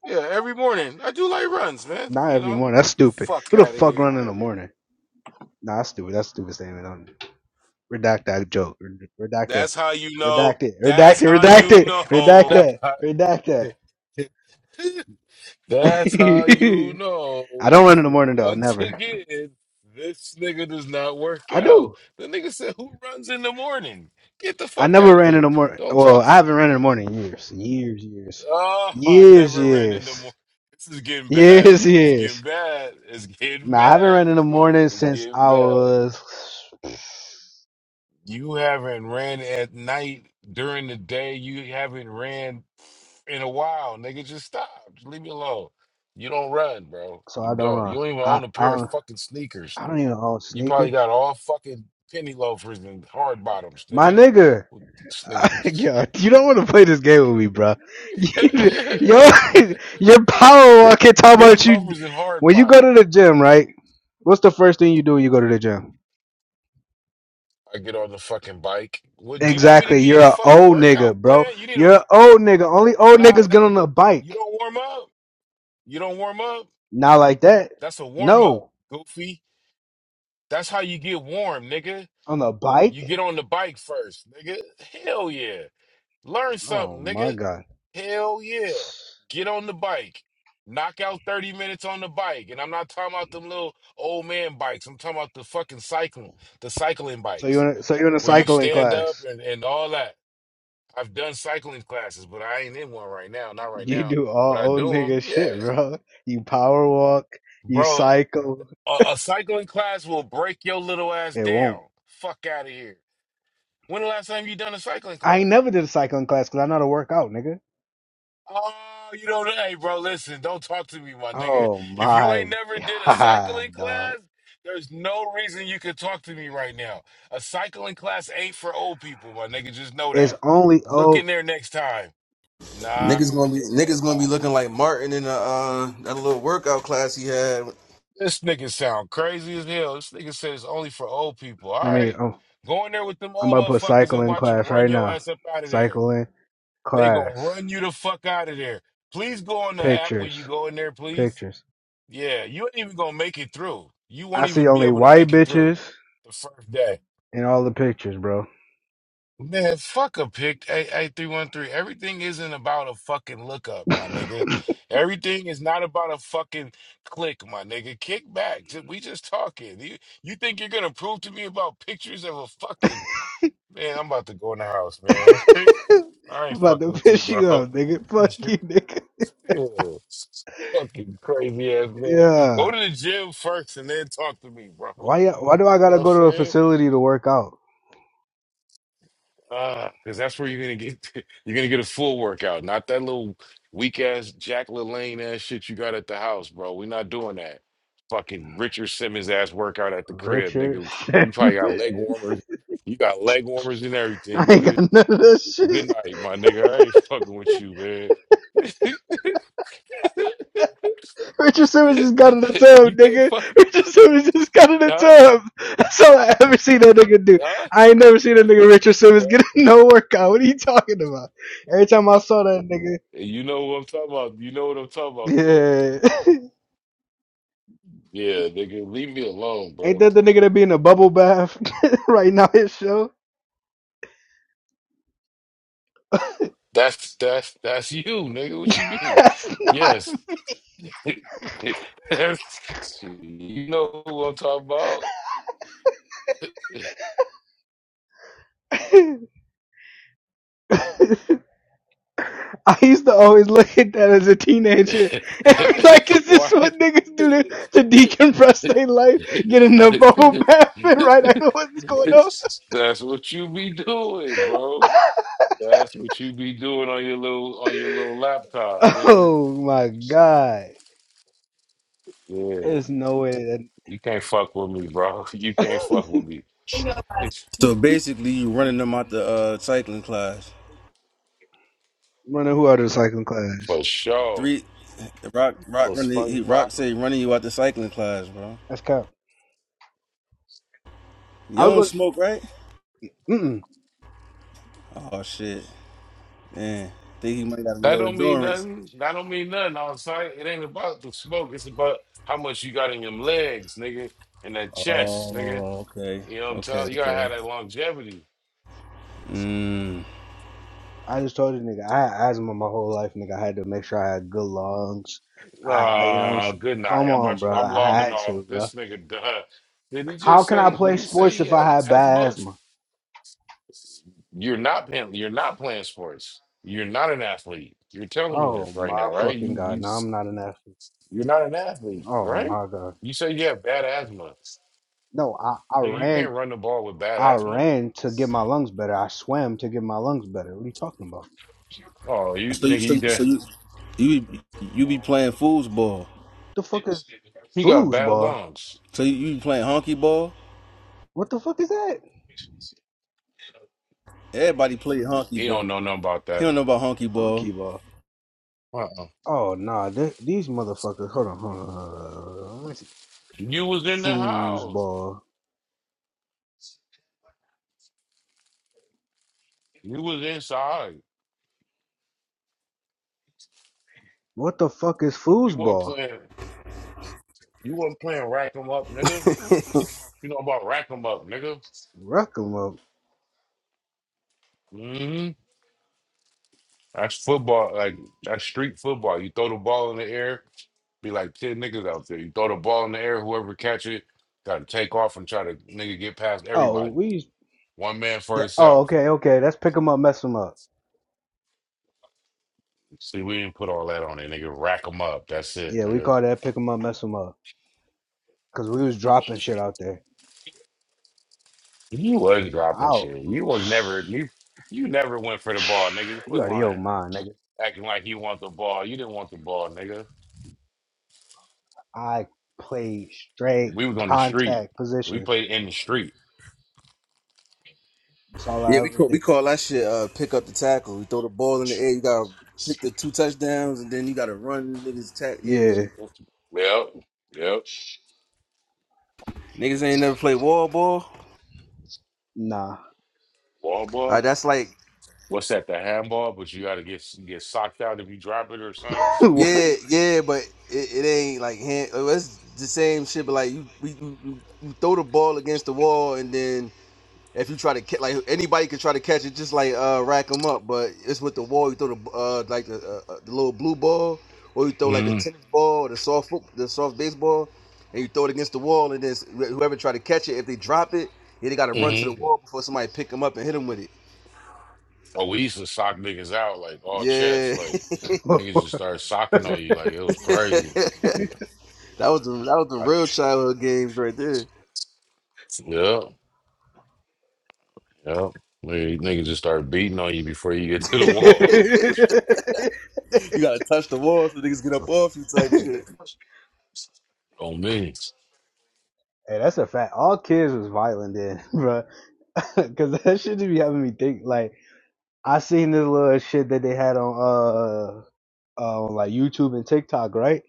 [SPEAKER 8] yeah. Every morning I do like runs, man.
[SPEAKER 3] not
[SPEAKER 8] You
[SPEAKER 3] every
[SPEAKER 8] know,
[SPEAKER 3] morning. That's stupid.
[SPEAKER 8] fuck
[SPEAKER 3] Who the
[SPEAKER 8] out of
[SPEAKER 3] fuck
[SPEAKER 8] here.
[SPEAKER 3] run in
[SPEAKER 8] Not
[SPEAKER 3] the morning? Nah, that's stupid. That's a stupid statement. Redact that joke. Redact that.
[SPEAKER 8] That's how you know.
[SPEAKER 3] Redact it.
[SPEAKER 8] That's
[SPEAKER 3] Redact it.
[SPEAKER 8] how
[SPEAKER 3] Redact
[SPEAKER 8] you
[SPEAKER 3] it. Redact
[SPEAKER 8] know.
[SPEAKER 3] that. Redact that.
[SPEAKER 8] That's how you
[SPEAKER 3] I
[SPEAKER 8] know.
[SPEAKER 3] don't run in the morning though.
[SPEAKER 8] Once
[SPEAKER 3] Never.
[SPEAKER 8] again, this nigga does not work
[SPEAKER 3] I
[SPEAKER 8] out.
[SPEAKER 3] do.
[SPEAKER 8] The nigga said, "Who runs in the morning? Get the
[SPEAKER 3] I
[SPEAKER 8] fuck
[SPEAKER 3] never
[SPEAKER 8] out of
[SPEAKER 3] ran in
[SPEAKER 8] here!
[SPEAKER 3] the morning.
[SPEAKER 8] Don't
[SPEAKER 3] Well,
[SPEAKER 8] talk to
[SPEAKER 3] I
[SPEAKER 8] me."
[SPEAKER 3] haven't run in the
[SPEAKER 8] man."
[SPEAKER 3] morning in years. Years. Years.
[SPEAKER 8] Oh, I
[SPEAKER 3] Years.
[SPEAKER 8] never ran in the morning.
[SPEAKER 3] Years.
[SPEAKER 8] This is getting bad.
[SPEAKER 3] Years.
[SPEAKER 8] It's getting
[SPEAKER 3] Years.
[SPEAKER 8] bad. It's getting
[SPEAKER 3] Nah,
[SPEAKER 8] bad.
[SPEAKER 3] I haven't run in the morning
[SPEAKER 8] It's
[SPEAKER 3] since
[SPEAKER 8] getting
[SPEAKER 3] I
[SPEAKER 8] bad.
[SPEAKER 3] was.
[SPEAKER 8] You haven't ran at night during the day. You haven't ran in a while, nigga. Just stop. Just leave me alone. You don't run, bro.
[SPEAKER 3] So I
[SPEAKER 8] You
[SPEAKER 3] don't
[SPEAKER 8] don't.
[SPEAKER 3] run.
[SPEAKER 8] You don't even
[SPEAKER 3] I
[SPEAKER 8] own a
[SPEAKER 3] I
[SPEAKER 8] pair of
[SPEAKER 3] don't,
[SPEAKER 8] fucking sneakers.
[SPEAKER 3] I don't even own
[SPEAKER 8] You probably
[SPEAKER 3] sneakers.
[SPEAKER 8] got all fucking penny loafers and hard bottoms,
[SPEAKER 3] My
[SPEAKER 8] nigga.
[SPEAKER 3] nigga.
[SPEAKER 8] Well, this nigga.
[SPEAKER 3] Yo, you don't want to play this game with me, bro. Yo, your power walking talking
[SPEAKER 8] penny
[SPEAKER 3] about you
[SPEAKER 8] loafers and hard
[SPEAKER 3] when you go
[SPEAKER 8] bottom.
[SPEAKER 3] to the gym, right? What's the first thing you do when you go to the gym?
[SPEAKER 8] I get on the fucking bike. What do you want me to
[SPEAKER 3] Exactly.
[SPEAKER 8] give
[SPEAKER 3] You're
[SPEAKER 8] you a
[SPEAKER 3] an
[SPEAKER 8] fucking
[SPEAKER 3] old nigga,
[SPEAKER 8] workout
[SPEAKER 3] bro.
[SPEAKER 8] plan? You need a
[SPEAKER 3] You're an
[SPEAKER 8] f-
[SPEAKER 3] old nigga. Only old
[SPEAKER 8] nah.
[SPEAKER 3] niggas
[SPEAKER 8] That,
[SPEAKER 3] get on a
[SPEAKER 8] you
[SPEAKER 3] bike.
[SPEAKER 8] don't warm up. You don't warm up.
[SPEAKER 3] Not like that.
[SPEAKER 8] That's a warm up,
[SPEAKER 3] No,
[SPEAKER 8] goofy. That's how you get warm, nigga.
[SPEAKER 3] on a
[SPEAKER 8] You
[SPEAKER 3] bike.
[SPEAKER 8] get on the bike first, nigga. Hell yeah. Learn
[SPEAKER 3] Oh
[SPEAKER 8] something,
[SPEAKER 3] my
[SPEAKER 8] nigga.
[SPEAKER 3] god.
[SPEAKER 8] Hell yeah. Get on the bike. Knock out 30 minutes on the bike. And I'm not talking about them little old man bikes. I'm talking about the fucking cycle, the cycling
[SPEAKER 3] So you
[SPEAKER 8] bikes
[SPEAKER 3] in a, so you are in a
[SPEAKER 8] where you
[SPEAKER 3] cycling
[SPEAKER 8] stand up
[SPEAKER 3] class?
[SPEAKER 8] and, and all that. I've done cycling classes, but I ain't in one right now. Not right
[SPEAKER 3] You
[SPEAKER 8] now,
[SPEAKER 3] do
[SPEAKER 8] but
[SPEAKER 3] all
[SPEAKER 8] I
[SPEAKER 3] old
[SPEAKER 8] do them.
[SPEAKER 3] nigga
[SPEAKER 8] Yeah.
[SPEAKER 3] shit, bro. You power walk. You
[SPEAKER 8] Bro,
[SPEAKER 3] cycle.
[SPEAKER 8] a, a cycling class will break your little ass
[SPEAKER 3] It won't.
[SPEAKER 8] down. Fuck out of here. When the last time you done a cycling
[SPEAKER 3] I ain't
[SPEAKER 8] class?
[SPEAKER 3] never did a cycling class because I know how to work out, nigga.
[SPEAKER 8] Oh, you don't. Hey, bro, listen. Don't talk to me, my nigga.
[SPEAKER 3] Oh
[SPEAKER 8] If you
[SPEAKER 3] my
[SPEAKER 8] ain't never did a cycling
[SPEAKER 3] god, dog.
[SPEAKER 8] class, there's no reason you could talk to me right now. A cycling class ain't for old people, my nigga. Just know
[SPEAKER 3] It's
[SPEAKER 8] that.
[SPEAKER 3] only
[SPEAKER 8] Look in
[SPEAKER 3] oh,
[SPEAKER 8] there next time. Nah,
[SPEAKER 1] Niggas gonna be niggas gonna be looking like Martin in the, uh, that little workout class he had.
[SPEAKER 8] this nigga sound crazy as hell. This nigga said it's only for old people. All
[SPEAKER 3] let me.
[SPEAKER 8] right,
[SPEAKER 3] Oh,
[SPEAKER 8] go in there with them
[SPEAKER 3] I'm
[SPEAKER 8] old
[SPEAKER 3] about to put
[SPEAKER 8] motherfuckers and
[SPEAKER 3] cycling
[SPEAKER 8] watch them
[SPEAKER 3] class
[SPEAKER 8] run
[SPEAKER 3] right
[SPEAKER 8] your
[SPEAKER 3] now.
[SPEAKER 8] ass up out of there.
[SPEAKER 3] Cycling
[SPEAKER 8] They gonna
[SPEAKER 3] class
[SPEAKER 8] run you the fuck out of there. Please go on the app when you
[SPEAKER 3] pictures,
[SPEAKER 8] go in there, please.
[SPEAKER 3] pictures.
[SPEAKER 8] Yeah, you ain't even gonna make it through. You
[SPEAKER 3] I
[SPEAKER 8] won't
[SPEAKER 3] see
[SPEAKER 8] even be
[SPEAKER 3] only
[SPEAKER 8] able to
[SPEAKER 3] white
[SPEAKER 8] make it through
[SPEAKER 3] bitches
[SPEAKER 8] the first day.
[SPEAKER 3] in all the pictures, bro.
[SPEAKER 8] Man, fuck a pick eight three one three. Everything isn't about a fucking lookup, my nigga. Everything is not about a fucking click, my nigga. Kick back. Ju- We just talking. You, you think you're gonna prove to me about pictures of a fucking man? I'm about to go in the house, man. I ain't
[SPEAKER 3] I'm about to
[SPEAKER 8] fucking with you,
[SPEAKER 3] piss you
[SPEAKER 8] bro.
[SPEAKER 3] up, nigga. Fuck you, nigga.
[SPEAKER 8] Yeah. Fucking crazy ass man.
[SPEAKER 3] Yeah.
[SPEAKER 8] Go to the gym first and then talk to me, bro.
[SPEAKER 3] Why? ya- Why do I
[SPEAKER 8] You know
[SPEAKER 3] gotta
[SPEAKER 8] what I'm
[SPEAKER 3] go to a
[SPEAKER 8] saying?
[SPEAKER 3] facility to work out,
[SPEAKER 8] Uh, because that's where you're gonna get you're gonna get a full workout, not that little weak ass Jack LaLanne ass shit you got at the house, bro. We're not doing that. Fucking Richard Simmons ass workout at the crib,
[SPEAKER 3] Richard?
[SPEAKER 8] nigga. You probably got leg warmers. You got leg warmers and
[SPEAKER 3] I
[SPEAKER 8] everything,
[SPEAKER 3] ain't got
[SPEAKER 8] nigga.
[SPEAKER 3] none of that shit.
[SPEAKER 8] Good night, my nigga. I ain't fucking with you, man.
[SPEAKER 3] Richard Simmons just got in the tub,
[SPEAKER 8] you can't
[SPEAKER 3] nigga.
[SPEAKER 8] fuck,
[SPEAKER 3] Richard Simmons just got in the
[SPEAKER 8] huh?
[SPEAKER 3] tub. That's all I ever seen that nigga do.
[SPEAKER 8] Huh?
[SPEAKER 3] I ain't never seen that nigga Richard Simmons get a no workout. What are you talking about? Every time I saw that
[SPEAKER 8] You know what I'm talking about. You know what I'm talking about, though.
[SPEAKER 3] nigga, yeah.
[SPEAKER 8] Yeah, nigga, leave me alone,
[SPEAKER 3] Ain't
[SPEAKER 8] bro.
[SPEAKER 3] that the nigga that be in a bubble bath right now? His show.
[SPEAKER 8] That's that's that's you, nigga. What you mean?
[SPEAKER 3] That's not.
[SPEAKER 8] Yes. you know who I'm talking about.
[SPEAKER 3] I used to always look at that as a teenager and be like, "Is this
[SPEAKER 8] Why?
[SPEAKER 3] what niggas do to, to decompress their life? Get in the bubble bath and right? I know what's going on."
[SPEAKER 8] that's what you be doing, bro. That's what you be doing on your little on your little laptop, nigga.
[SPEAKER 3] Oh my god.
[SPEAKER 8] Yeah,
[SPEAKER 3] There's no way
[SPEAKER 8] you can't fuck with me, bro. You
[SPEAKER 3] that
[SPEAKER 8] can't fuck with me
[SPEAKER 1] So basically, you running them out the uh, cycling class.
[SPEAKER 3] running who out of the cycling class.
[SPEAKER 8] for sure.
[SPEAKER 1] Three, Rock Rock
[SPEAKER 8] Little
[SPEAKER 1] running he
[SPEAKER 8] SpongeBob.
[SPEAKER 1] Rock say running you out the cycling class, bro.
[SPEAKER 3] That's cap.
[SPEAKER 1] You
[SPEAKER 3] I was
[SPEAKER 1] don't
[SPEAKER 3] going
[SPEAKER 1] smoke, right?
[SPEAKER 3] mm
[SPEAKER 1] Oh shit, man. Think he might got a
[SPEAKER 8] That
[SPEAKER 1] little
[SPEAKER 8] don't mean
[SPEAKER 1] endurance.
[SPEAKER 8] nothing. That don't mean nothing on site. It ain't about the smoke. It's about how much you got in your legs, nigga, and that chest, nigga.
[SPEAKER 1] Oh, okay,
[SPEAKER 8] You know what I'm
[SPEAKER 1] okay,
[SPEAKER 8] telling you? gotta
[SPEAKER 1] okay.
[SPEAKER 8] have that longevity.
[SPEAKER 1] Mm.
[SPEAKER 3] I just told you nigga, I had asthma my whole life, nigga. I had to make sure I had good lungs. I you know what I'm
[SPEAKER 8] Ah,
[SPEAKER 3] saying?
[SPEAKER 8] good night.
[SPEAKER 3] Come
[SPEAKER 8] I'm
[SPEAKER 3] on,
[SPEAKER 8] about to,
[SPEAKER 3] bro.
[SPEAKER 8] I'm
[SPEAKER 3] I
[SPEAKER 8] logging
[SPEAKER 3] had to,
[SPEAKER 8] off.
[SPEAKER 3] bro.
[SPEAKER 8] This nigga done. Did he
[SPEAKER 3] How
[SPEAKER 8] just
[SPEAKER 3] can I
[SPEAKER 8] say?
[SPEAKER 3] play
[SPEAKER 8] Did he say
[SPEAKER 3] sports
[SPEAKER 8] he
[SPEAKER 3] if I
[SPEAKER 8] had
[SPEAKER 3] had bad
[SPEAKER 8] asthma?
[SPEAKER 3] asthma?
[SPEAKER 8] You're not playing. You're not playing sports. You're not an athlete. You're telling me
[SPEAKER 3] Oh
[SPEAKER 8] this right
[SPEAKER 3] my
[SPEAKER 8] now, right? You
[SPEAKER 3] fucking
[SPEAKER 8] you
[SPEAKER 3] god. No,
[SPEAKER 8] s-
[SPEAKER 3] I'm not an athlete.
[SPEAKER 8] you're not an athlete,
[SPEAKER 3] Oh
[SPEAKER 8] right?
[SPEAKER 3] my god.
[SPEAKER 8] You say you have bad asthma.
[SPEAKER 3] No, I, I
[SPEAKER 8] Nigga, you can't
[SPEAKER 3] ran
[SPEAKER 8] run the ball with bad
[SPEAKER 3] I
[SPEAKER 8] asthma.
[SPEAKER 3] ran to get my lungs better. I swam to get my lungs better. What are you talking about?
[SPEAKER 8] Oh, you
[SPEAKER 1] So you
[SPEAKER 8] nigga,
[SPEAKER 1] so
[SPEAKER 8] you
[SPEAKER 1] so
[SPEAKER 8] there?
[SPEAKER 1] you you be- you be playing foosball.
[SPEAKER 3] the fuck is
[SPEAKER 8] You got bad
[SPEAKER 3] foosball?
[SPEAKER 8] lungs.
[SPEAKER 1] So you, you be playing honky ball.
[SPEAKER 3] What the fuck is that?
[SPEAKER 1] Everybody play honky
[SPEAKER 8] He don't
[SPEAKER 1] ball.
[SPEAKER 8] know nothing about
[SPEAKER 1] He
[SPEAKER 8] that.
[SPEAKER 1] don't know about honky ball.
[SPEAKER 3] Hockey ball.
[SPEAKER 8] Uh-uh.
[SPEAKER 3] Oh nah, th- these motherfuckers. Hold on, hold on. Hold on. Let me see.
[SPEAKER 8] You was in the house.
[SPEAKER 3] Foosball.
[SPEAKER 8] You was inside.
[SPEAKER 3] What the fuck is
[SPEAKER 8] You weren't
[SPEAKER 3] foosball?
[SPEAKER 8] playing. You weren't playing rack 'em up, nigga. You know about rack 'em up, nigga.
[SPEAKER 3] Ruck 'em up.
[SPEAKER 8] hmm That's football. Like that's street football. You throw the ball in the air. Be like ten niggas out there. You throw the ball in the air. Whoever catch it, got to take off and try to nigga get past
[SPEAKER 3] Oh,
[SPEAKER 8] everybody.
[SPEAKER 3] we.
[SPEAKER 8] One man for
[SPEAKER 3] That, oh,
[SPEAKER 8] himself.
[SPEAKER 3] okay, okay. That's pick 'em up, mess 'em up.
[SPEAKER 8] See, we didn't put all that on it, nigga. Rack them up. That's it,
[SPEAKER 3] Yeah, we
[SPEAKER 8] nigga.
[SPEAKER 3] call that pick 'em up, mess 'em up. Cause we was dropping shit out there.
[SPEAKER 8] You was dropping
[SPEAKER 3] Out.
[SPEAKER 8] shit. You was never you you never went for the ball, nigga. Quit
[SPEAKER 3] You out of your
[SPEAKER 8] lying.
[SPEAKER 3] mind, nigga.
[SPEAKER 8] Acting like you want the ball. You didn't want the ball, nigga.
[SPEAKER 3] I played straight
[SPEAKER 8] We was on the street.
[SPEAKER 3] contact
[SPEAKER 8] We
[SPEAKER 3] positions.
[SPEAKER 8] played in the street.
[SPEAKER 3] That's all
[SPEAKER 1] Yeah,
[SPEAKER 3] I
[SPEAKER 1] we
[SPEAKER 3] ever
[SPEAKER 1] call we
[SPEAKER 3] did.
[SPEAKER 1] call that shit uh, pick up the tackle. We throw the ball in the air, you gotta pick the two touchdowns, and then you gotta run niggas tack. Yeah,
[SPEAKER 3] Yeah,
[SPEAKER 8] Yep. Yep.
[SPEAKER 1] niggas ain't never played wall ball.
[SPEAKER 3] nah.
[SPEAKER 8] Ball
[SPEAKER 1] Uh,
[SPEAKER 8] ball.
[SPEAKER 1] that's like
[SPEAKER 8] What's that? The handball, but you gotta get get socked out if you drop it or something.
[SPEAKER 3] what?
[SPEAKER 1] yeah, yeah, but it, it ain't like hand. uh, It's the same shit, but like you, we, you, you you throw the ball against the wall, and then If you try to catch, like anybody could try to catch it, just like uh rack them up. But it's with the wall. You throw the uh like the, uh, uh, the little blue ball, or you throw like the
[SPEAKER 8] Mm-hmm.
[SPEAKER 1] tennis ball, or the soft foot, the soft baseball, and you throw it against the wall. And then s- wh- whoever try to catch it, if they drop it, yeah, they got to run to the
[SPEAKER 8] mm-hmm.
[SPEAKER 1] wall before somebody pick them up and hit them with it.
[SPEAKER 8] Oh, we used to sock niggas out like all chest,
[SPEAKER 1] Yeah,
[SPEAKER 8] like niggas just started socking on you, like it was crazy.
[SPEAKER 1] that was the, that was the
[SPEAKER 8] I,
[SPEAKER 1] real childhood games right there.
[SPEAKER 8] yeah, yeah. Nigga, nigga just start beating on you before you get to the
[SPEAKER 3] hey,
[SPEAKER 8] wall.
[SPEAKER 1] you gotta touch the wall so niggas get up off you type shit.
[SPEAKER 8] on me.
[SPEAKER 3] that's a fact. All kids was violent then, bro. Cause that shit just be having me think. Like I seen this little shit that they had on uh, uh on like YouTube and TikTok, right?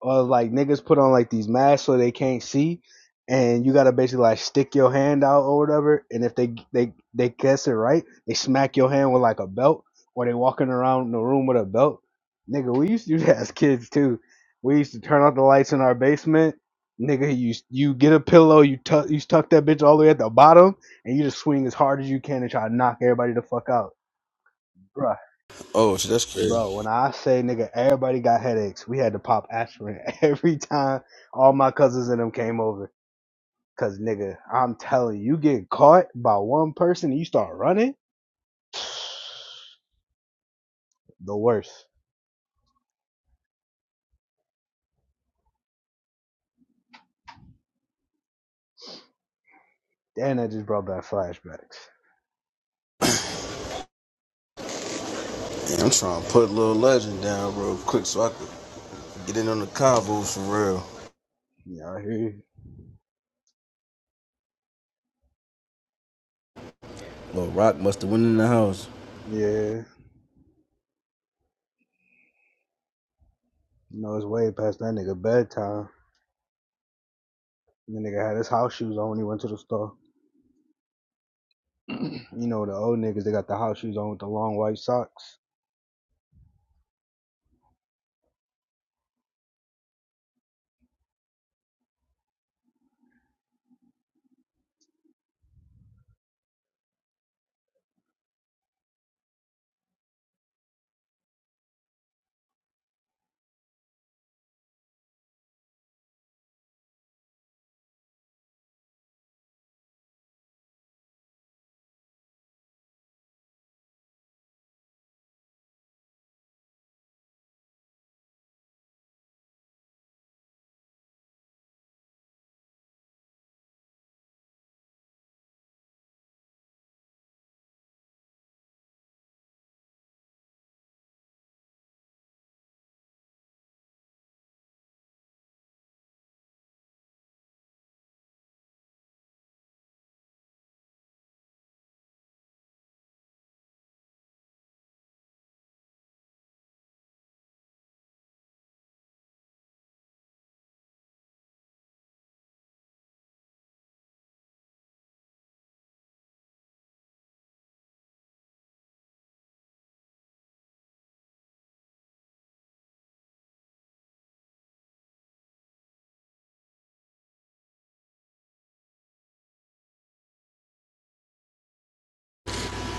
[SPEAKER 3] or like niggas put on like these masks so they can't see, and you gotta basically like stick your hand out or whatever. And if they they they guess it right, they smack your hand with like a belt, or they walking around the room with a belt. Nigga, we used to do that as kids too. We used to turn off the lights in our basement. Nigga, you you get a pillow, you tuck you tuck that bitch all the way at the bottom, and you just swing as hard as you can and try to knock everybody the fuck out. bro.
[SPEAKER 1] Oh, shit, that's crazy.
[SPEAKER 3] Bro, when I say nigga, everybody got headaches. We had to pop aspirin every time all my cousins and them came over. Cause nigga, I'm telling you, you get caught by one person and you start running, the worst. Damn, that just brought back flashbacks.
[SPEAKER 1] Man, I'm trying to put Lil legend down real quick so I could get in on the convo for real.
[SPEAKER 3] Yeah, I hear you.
[SPEAKER 1] Lil Rock must have went in the house.
[SPEAKER 3] Yeah, you know it's way past that nigga bedtime. The nigga had his house shoes on when he went to the store. you know the old niggas, they got the house shoes on with the long white socks.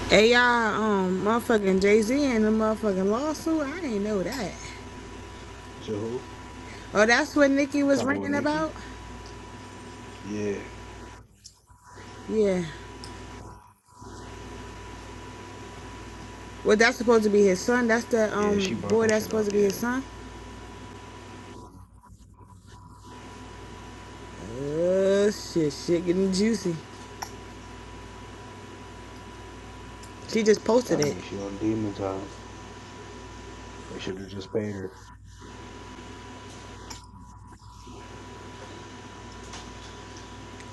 [SPEAKER 5] Hey y'all, um, motherfucking Jay Z and the motherfucking lawsuit. I didn't know that.
[SPEAKER 3] So who?
[SPEAKER 5] Oh, that's what Nicki was
[SPEAKER 3] Talking with
[SPEAKER 5] ranting about.
[SPEAKER 3] Nikki? Yeah,
[SPEAKER 5] Yeah. Well, that's supposed to be his son. That's the
[SPEAKER 3] yeah,
[SPEAKER 5] um
[SPEAKER 3] she brought
[SPEAKER 5] boy
[SPEAKER 3] that
[SPEAKER 5] that's
[SPEAKER 3] shit
[SPEAKER 5] supposed
[SPEAKER 3] up.
[SPEAKER 5] to be
[SPEAKER 3] Yeah.
[SPEAKER 5] his son. Oh shit, shit getting juicy. She just posted
[SPEAKER 3] telling
[SPEAKER 5] it.
[SPEAKER 3] you she on demon time. They should have just paid her.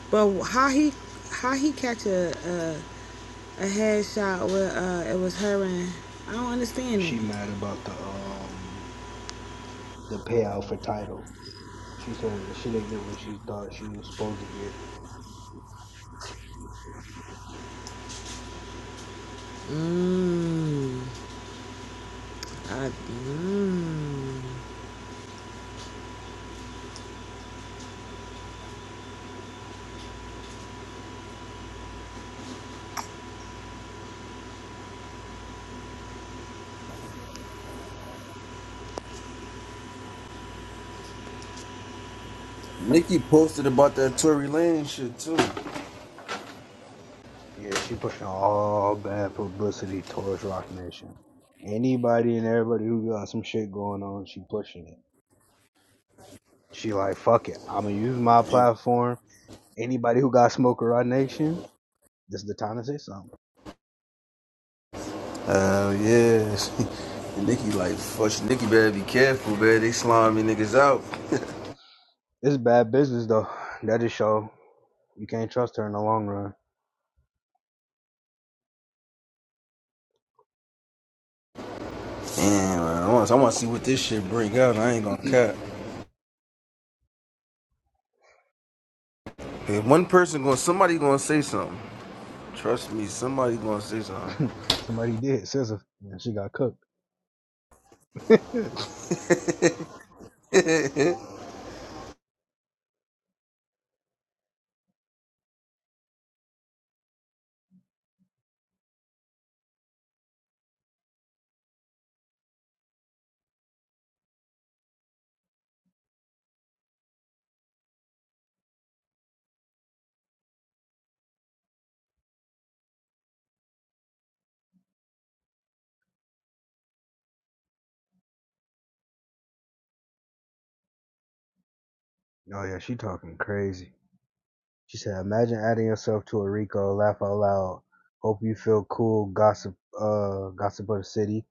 [SPEAKER 5] But how he, how he catch a a, a headshot where uh it was her and I don't understand it.
[SPEAKER 3] She mad about the um the payout for title. She said she didn't get what she thought she was supposed to get.
[SPEAKER 5] Mmm. I mmm.
[SPEAKER 1] Nikki posted about that Tory Lane shit too.
[SPEAKER 3] Yeah, she pushing all bad publicity towards Rock Nation. Anybody and everybody who got some shit going on, she pushing it. She like, fuck it, I'ma use my platform. Anybody who got smoke with Rock Nation, this is the time to say something.
[SPEAKER 1] Oh yeah. And Nikki like, fuck Nikki better be careful, man. They slime me niggas out.
[SPEAKER 3] It's bad business though. That just show you can't trust her in the long run.
[SPEAKER 1] Damn, man. I want, I want to see what this shit bring out. I ain't gonna cap. If one person going, to somebody gonna say something. Trust me, somebody gonna say something.
[SPEAKER 3] Somebody did. Scissor. And she got cooked. oh yeah, she talking crazy. She said, Imagine adding yourself to a Rico, laugh out loud. Hope you feel cool, gossip uh gossip of the city.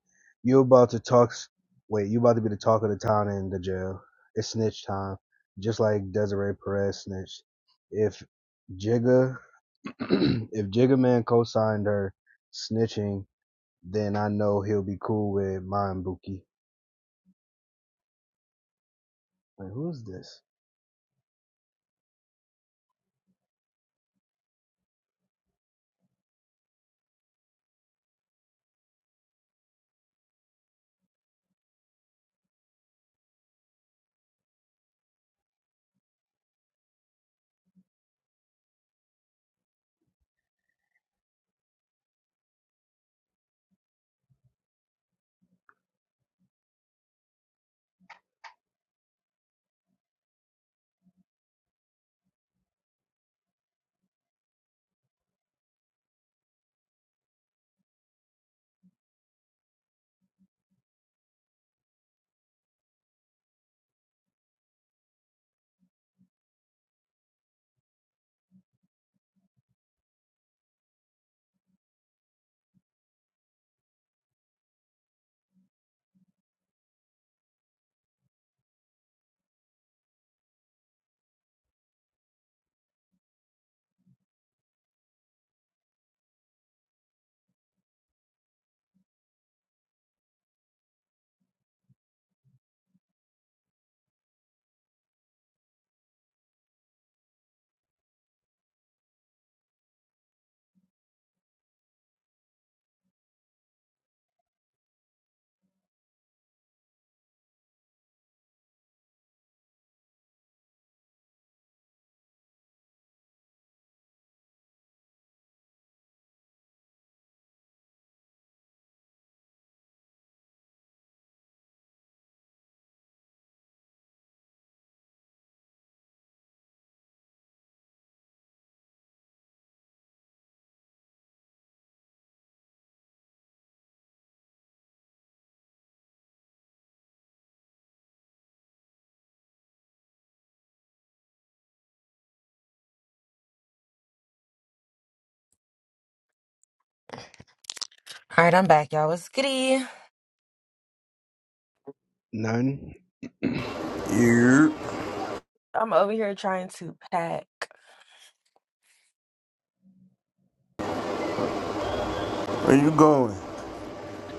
[SPEAKER 3] You about to talk s- wait, you about to be the talk of the town in the jail. It's snitch time. Just like Desiree Perez snitched. If Jigga if Jigga Man co signed her snitching, then I know he'll be cool with mine Buki. Like who's this?
[SPEAKER 9] All right, I'm back, y'all. It's goody.
[SPEAKER 3] None.
[SPEAKER 1] yeah.
[SPEAKER 9] I'm over here trying to pack.
[SPEAKER 1] Where you going?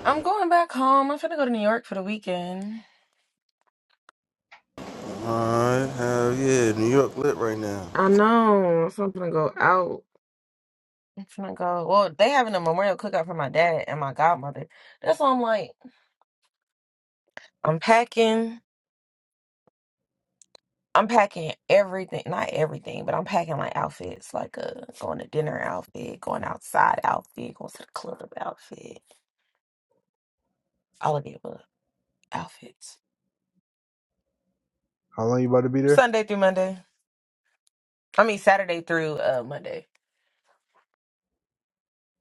[SPEAKER 9] I'm going back home. I'm finna go to New York for the weekend.
[SPEAKER 1] Alright, hell yeah, New York lit right now.
[SPEAKER 9] I know. So I'm finna go out. I'm finna go. Well, they having a memorial cookout for my dad and my godmother. That's why I'm like, I'm packing. I'm packing everything, not everything, but I'm packing like outfits, like a going to dinner outfit, going outside outfit, going to the club outfit, all of the above outfits.
[SPEAKER 3] How long you about to be there?
[SPEAKER 9] Sunday through Monday. I mean Saturday through uh Monday.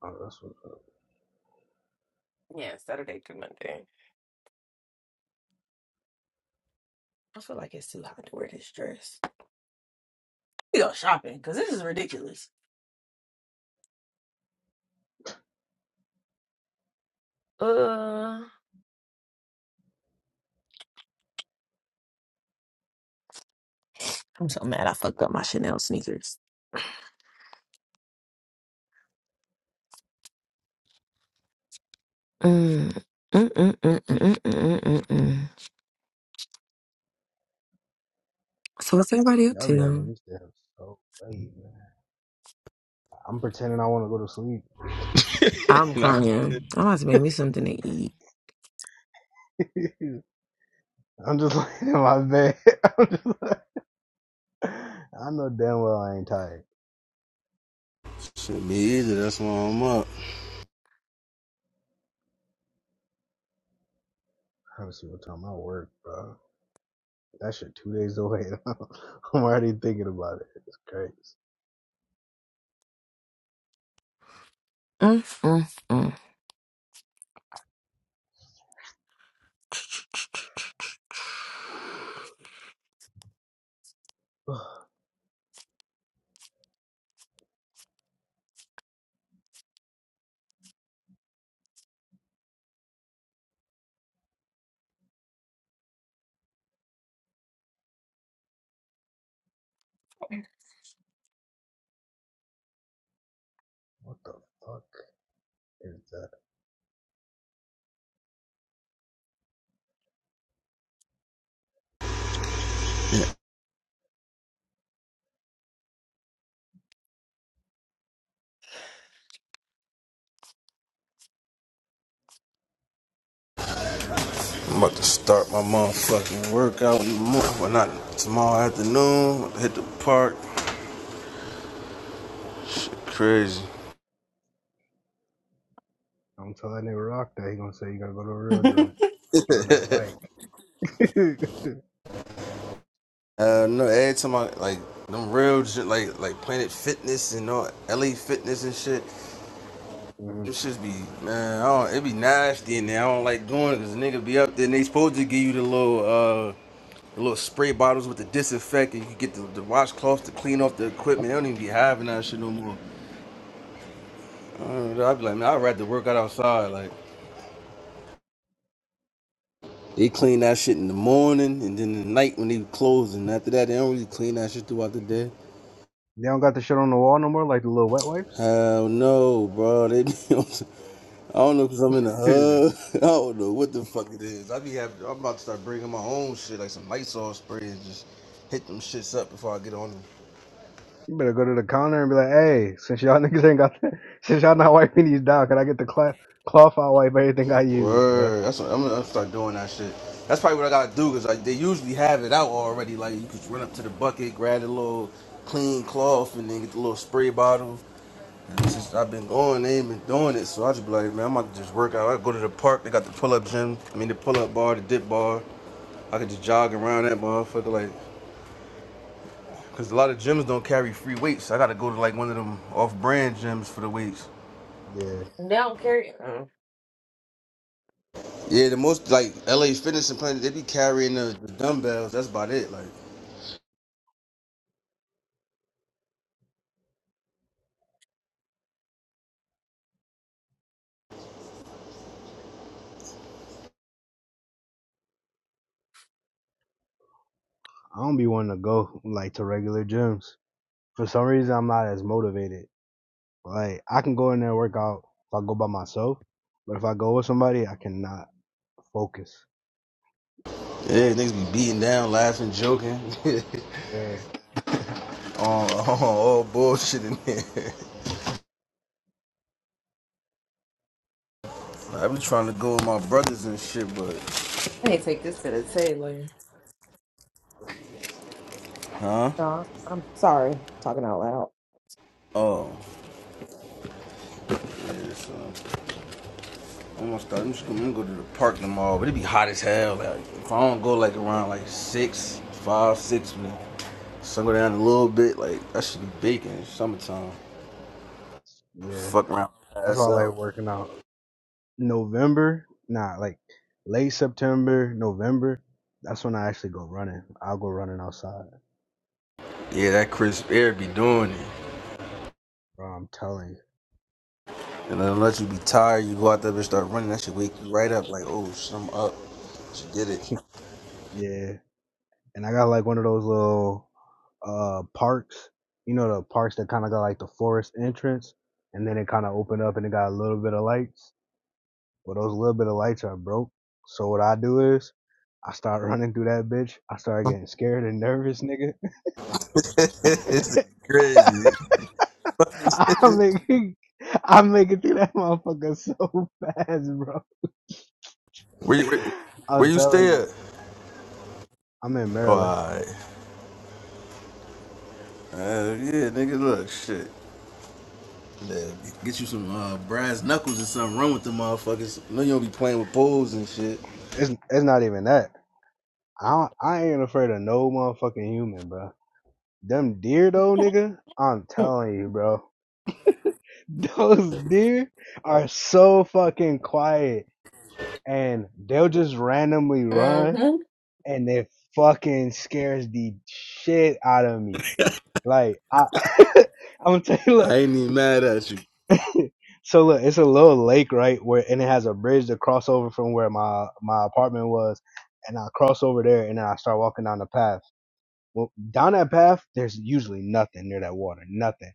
[SPEAKER 3] Oh, that's what's up.
[SPEAKER 9] Yeah, Saturday through Monday. I feel like it's too hot to wear this dress. We go shopping because this is ridiculous. Uh, I'm so mad I fucked up my Chanel sneakers. Mm. Mm-mm-mm-mm-mm-mm-mm. So what's everybody up
[SPEAKER 3] Y'all be
[SPEAKER 9] to?
[SPEAKER 3] having this stay up so late, man. I'm pretending I want to go to
[SPEAKER 9] I'm
[SPEAKER 1] And
[SPEAKER 9] crying. I'm about to make me something to eat.
[SPEAKER 3] sleep. I'm just laying in my bed. I'm just like, I know damn well I ain't tired.
[SPEAKER 1] Shit be easy, that's why I'm up.
[SPEAKER 3] Let me see what time I work, bro. That shit two days away. I'm already thinking about it. It's crazy.
[SPEAKER 9] Mm, mm,
[SPEAKER 3] What the fuck is that?
[SPEAKER 1] I'm about to start my motherfucking workout in the morning. Well, not tomorrow afternoon, hit the park. Shit crazy.
[SPEAKER 3] I'm telling that nigga Rock that he gonna say you gotta go to a real
[SPEAKER 9] mm.
[SPEAKER 3] gym. Get on that bike.
[SPEAKER 1] Uh, no, every time I, like, them real, gy- like, like Planet Fitness and all, LA Fitness and shit,
[SPEAKER 3] Mhm.
[SPEAKER 1] Them shits be man, I don't, it be nasty in there. I don't like doing it because nigga be up there and they supposed to give you the little uh the little spray bottles with the disinfectant. You get the, the washcloths to clean off the equipment. They don't even be having that shit no more. Uh, I'd be like, man, I'd rather work out outside. Like they clean that shit in the morning and then the night when they close, and after that they don't really clean that shit throughout the day.
[SPEAKER 3] They don't got the shit on the wall no more, like the little wet wipes.
[SPEAKER 1] Hell no, bro. They be on some- I don't know because I'm in the
[SPEAKER 3] you
[SPEAKER 1] hood. I don't know what the fuck it is. I be having, I'm about to start bringing my own shit, like some Lysol spray, and just hit them shits up before I get on them.
[SPEAKER 3] better go to the counter and be like, hey, since y'all niggas ain't got, the, since y'all not wiping these down, can I get the cloth? cloth I wipe everything I use, bro?
[SPEAKER 1] Word. That's what I'm gonna start doing that shit. That's probably what I gotta do because like they usually have it out already. Like you could run up to the bucket, grab a little clean cloth, and then get the little spray bottle. just I've been going, they ain't been doing it, so I just be like, man, I'm about to just work out. I go to the park, they got the pull up gym, I mean the pull up bar, the dip bar. I could just jog around that motherfucker, like, cause a lot of gyms don't carry free weights. So I gotta go to like one of them off brand gyms for the weights.
[SPEAKER 3] Yeah.
[SPEAKER 9] They don't carry. Mm.
[SPEAKER 1] Yeah, the most like LA Fitness and Planet, they be carrying the, the dumbbells. That's about it. Like,
[SPEAKER 3] I don't be wanting to go like to regular gyms. For some reason, I'm not as motivated. Like I can go in there and work out if I go by myself, but if I go with somebody, I cannot focus.
[SPEAKER 1] yeah, niggas be beating down, laughing, joking,
[SPEAKER 3] Yeah,
[SPEAKER 1] on all all bullshit in there. I be trying to go with my brothers and shit, but
[SPEAKER 9] I need to take this to the tailor. No, I'm sorry, talking out
[SPEAKER 1] oh, yeah, so. I'm gonna start. I'm just gonna go to the park tomorrow, but it be hot as hell. Like, if I don't go like around like six, five, six, when the sun go down a little bit, like I should be baking. It's summertime.
[SPEAKER 3] yeah.
[SPEAKER 1] Fuck around,
[SPEAKER 3] That's why
[SPEAKER 1] pass
[SPEAKER 3] I like
[SPEAKER 1] out.
[SPEAKER 3] working out. November, nah, like late September, November. That's when I actually go running. I'll go running outside.
[SPEAKER 1] Yeah, that crisp air be doing it.
[SPEAKER 3] Bro, I'm telling
[SPEAKER 1] And then unless you be tired, you go out there and start running. That should wake you right up. Like, oh, shit, I'm up. She did it.
[SPEAKER 3] you. Yeah. and I got like one of those little uh parks. You know the parks that kind of got like the forest entrance, and then it kind of opened up and it got a little bit of lights. Well, those little bit of lights are broke. So what I do is I start running through that bitch. I start getting scared and nervous, nigga.
[SPEAKER 1] This is crazy.
[SPEAKER 3] I'm making I'm making through that motherfucker so fast, bro.
[SPEAKER 1] where, you, where, where
[SPEAKER 3] I'm
[SPEAKER 1] you
[SPEAKER 3] telling
[SPEAKER 1] stay at?
[SPEAKER 3] you, I'm in
[SPEAKER 1] Oh,
[SPEAKER 3] Maryland.
[SPEAKER 1] all right. Uh, yeah, nigga, look, shit. Yeah, get you some uh, brass knuckles or something. Run with the motherfuckers. I know you don't be playing with poles and shit.
[SPEAKER 3] It's it's not even that. I don't, I ain't afraid of no motherfucking human, bro. Them deer though, nigga, I'm
[SPEAKER 9] loud.
[SPEAKER 3] telling you, bro. Those deer are so fucking quiet and they'll just randomly run
[SPEAKER 9] Mm-hmm.
[SPEAKER 3] and it fucking scares the shit out of me. Like I I'm gonna tell you
[SPEAKER 1] I
[SPEAKER 3] look,
[SPEAKER 1] ain't even mad at you.
[SPEAKER 3] so look, it's a little lake, right? Where and it has a bridge to cross over from where my my apartment was and I cross over there and then I start walking down the path Well, down that path, there's usually nothing near that water, nothing.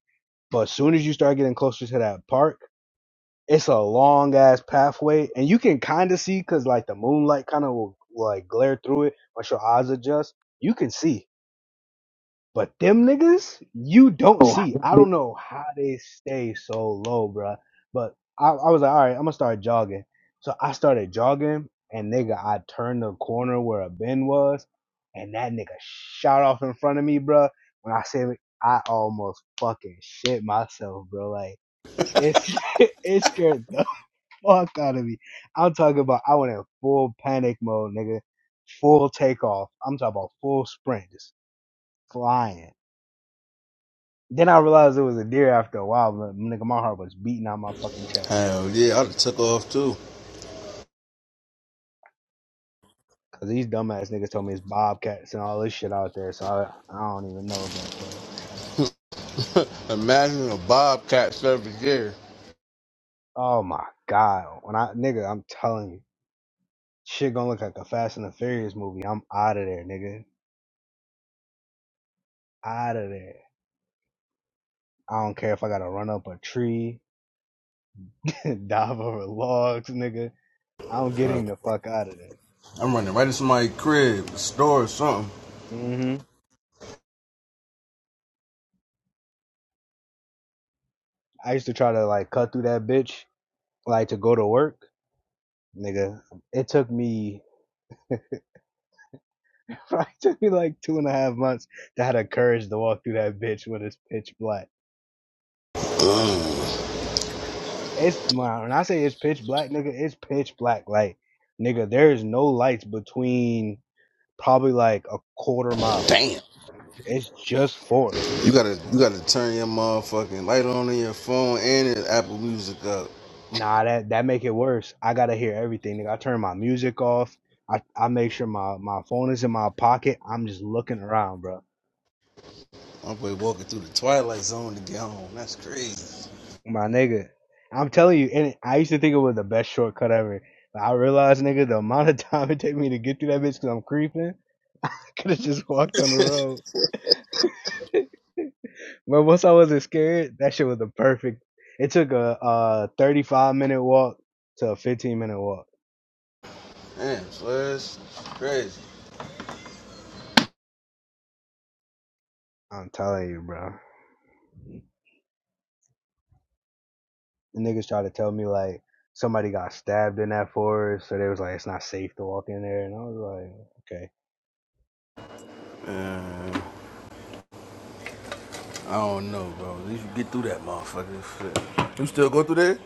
[SPEAKER 3] But as soon as you start getting closer to that park, it's a long ass pathway, and you can kind of see because like the moonlight kind of will like glare through it once your eyes adjust. You can see but them niggas, you don't see. I
[SPEAKER 9] Oh.
[SPEAKER 3] don't know how they stay so low, bruh. But I, I was like, all right, I'm gonna start jogging. So I started jogging, and nigga, I turned the corner where a bin was, and that nigga shot off in front of me, bruh. When I say I almost fucking shit myself, bro. Like it scared, it scared the fuck out of me. I'm talking about I went in full panic mode, nigga. Full takeoff. I'm talking about full sprint, just flying. Then I realized it was a deer after a while, but nigga, my heart was beating out my fucking chest.
[SPEAKER 1] Hell yeah, I done took off too.
[SPEAKER 3] Cause these dumbass niggas told me it's bobcats and all this shit out there, so I, I don't even know, bro. So,
[SPEAKER 1] Imagine a bobcat every year.
[SPEAKER 3] oh my god, when I nigga, I'm telling you, shit gonna look like a Fast and the Furious movie. I'm out of there, nigga, out of there. I don't care if I gotta run up a tree, dive over logs, nigga. I'm
[SPEAKER 1] Uh,
[SPEAKER 3] getting the fuck out of there.
[SPEAKER 1] I'm running right into somebody's crib, a store or something.
[SPEAKER 3] hmm I used to try to like cut through that bitch, like to go to work, nigga. It took me It took me like two and a half months to have the courage to walk through that bitch when it's pitch black. It's my when I say it's pitch black, nigga, it's pitch black. Like, nigga, there is no lights between probably like a quarter mile.
[SPEAKER 1] Damn.
[SPEAKER 3] It's just forest.
[SPEAKER 1] You gotta, you gotta turn your motherfucking light on in your phone and your Apple Music up.
[SPEAKER 3] Nah, that that make it worse. I gotta hear everything, nigga. I turn my music off. I, I make sure my, my phone is in my pocket. I'm just looking around, bro.
[SPEAKER 1] I'm boy walking through the twilight zone to get home. That's crazy.
[SPEAKER 3] My nigga, I'm telling you, and I used to think it was the best shortcut ever. But I realized, nigga, the amount of time it take me to get through that bitch because I'm creeping, I could have just walked on the road. But once I wasn't scared, that shit was the perfect. It took a, uh 35 minute walk to a 15 minute walk.
[SPEAKER 1] Damn, Slash, crazy.
[SPEAKER 3] I'm telling you, bro. The niggas tried to tell me like somebody got stabbed in that forest, so they was like, it's not safe to walk in there, and I was like, okay,
[SPEAKER 1] Uh, I don't know, bro. At least you get through that motherfucker. Shit. You still go through there?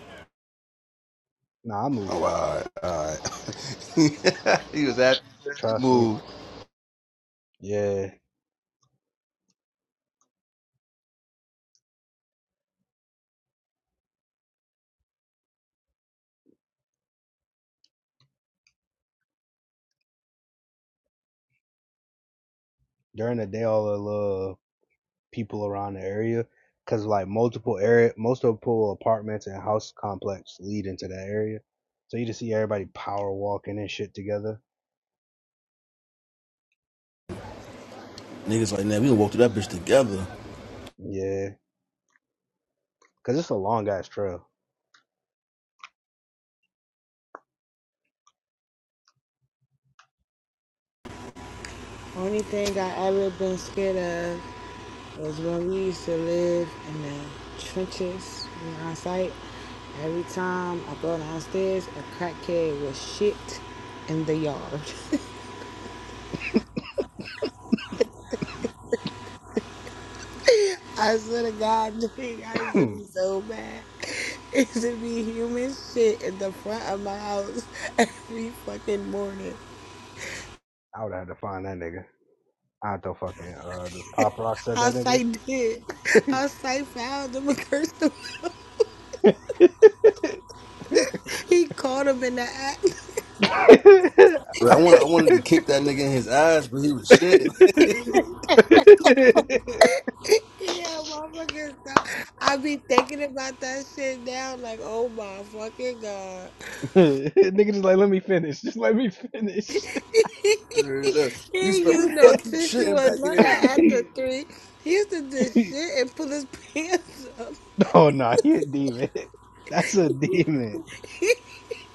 [SPEAKER 3] nah, I
[SPEAKER 1] Oh,
[SPEAKER 3] moved.
[SPEAKER 1] all right, all right. he was happy. He
[SPEAKER 3] Trust me.
[SPEAKER 1] moved.
[SPEAKER 3] Yeah. during the day all the little people around the area because like multiple area multiple apartments and house complex lead into that area so you just see everybody power walking and shit together
[SPEAKER 1] Niggas like, man, we gonna walk through that bitch together.
[SPEAKER 3] yeah because it's a long ass trail
[SPEAKER 5] Only thing I ever been scared of Those when we used to live in the trenches in our site, every time I go downstairs, a crackhead was shit in the yard.
[SPEAKER 3] i
[SPEAKER 5] I swear to God, I used to be so mad. It used to be human shit in the front of my house every fucking morning.
[SPEAKER 3] would have to find that nigga i don't fucking uh does pop rock said
[SPEAKER 5] Our
[SPEAKER 3] that nigga
[SPEAKER 5] site did. Our site found him and cursed him. He caught him in the act.
[SPEAKER 1] Bro, I wanted, I wanted to kick that nigga in his ass, but he was shitting.
[SPEAKER 5] Yeah, motherfucking stuff. I be thinking about that shit now, like, oh my fucking god.
[SPEAKER 3] Nigga, just like let me finish. Just let me finish.
[SPEAKER 5] He
[SPEAKER 1] you
[SPEAKER 5] ain't
[SPEAKER 1] spent,
[SPEAKER 5] use
[SPEAKER 1] what the
[SPEAKER 5] no
[SPEAKER 1] fuck you
[SPEAKER 5] tissue
[SPEAKER 1] shitting
[SPEAKER 5] or
[SPEAKER 1] back
[SPEAKER 5] nothing
[SPEAKER 1] here?
[SPEAKER 5] after three. He used to just shit and pull his pants up.
[SPEAKER 3] oh no, nah, he a demon. That's a demon.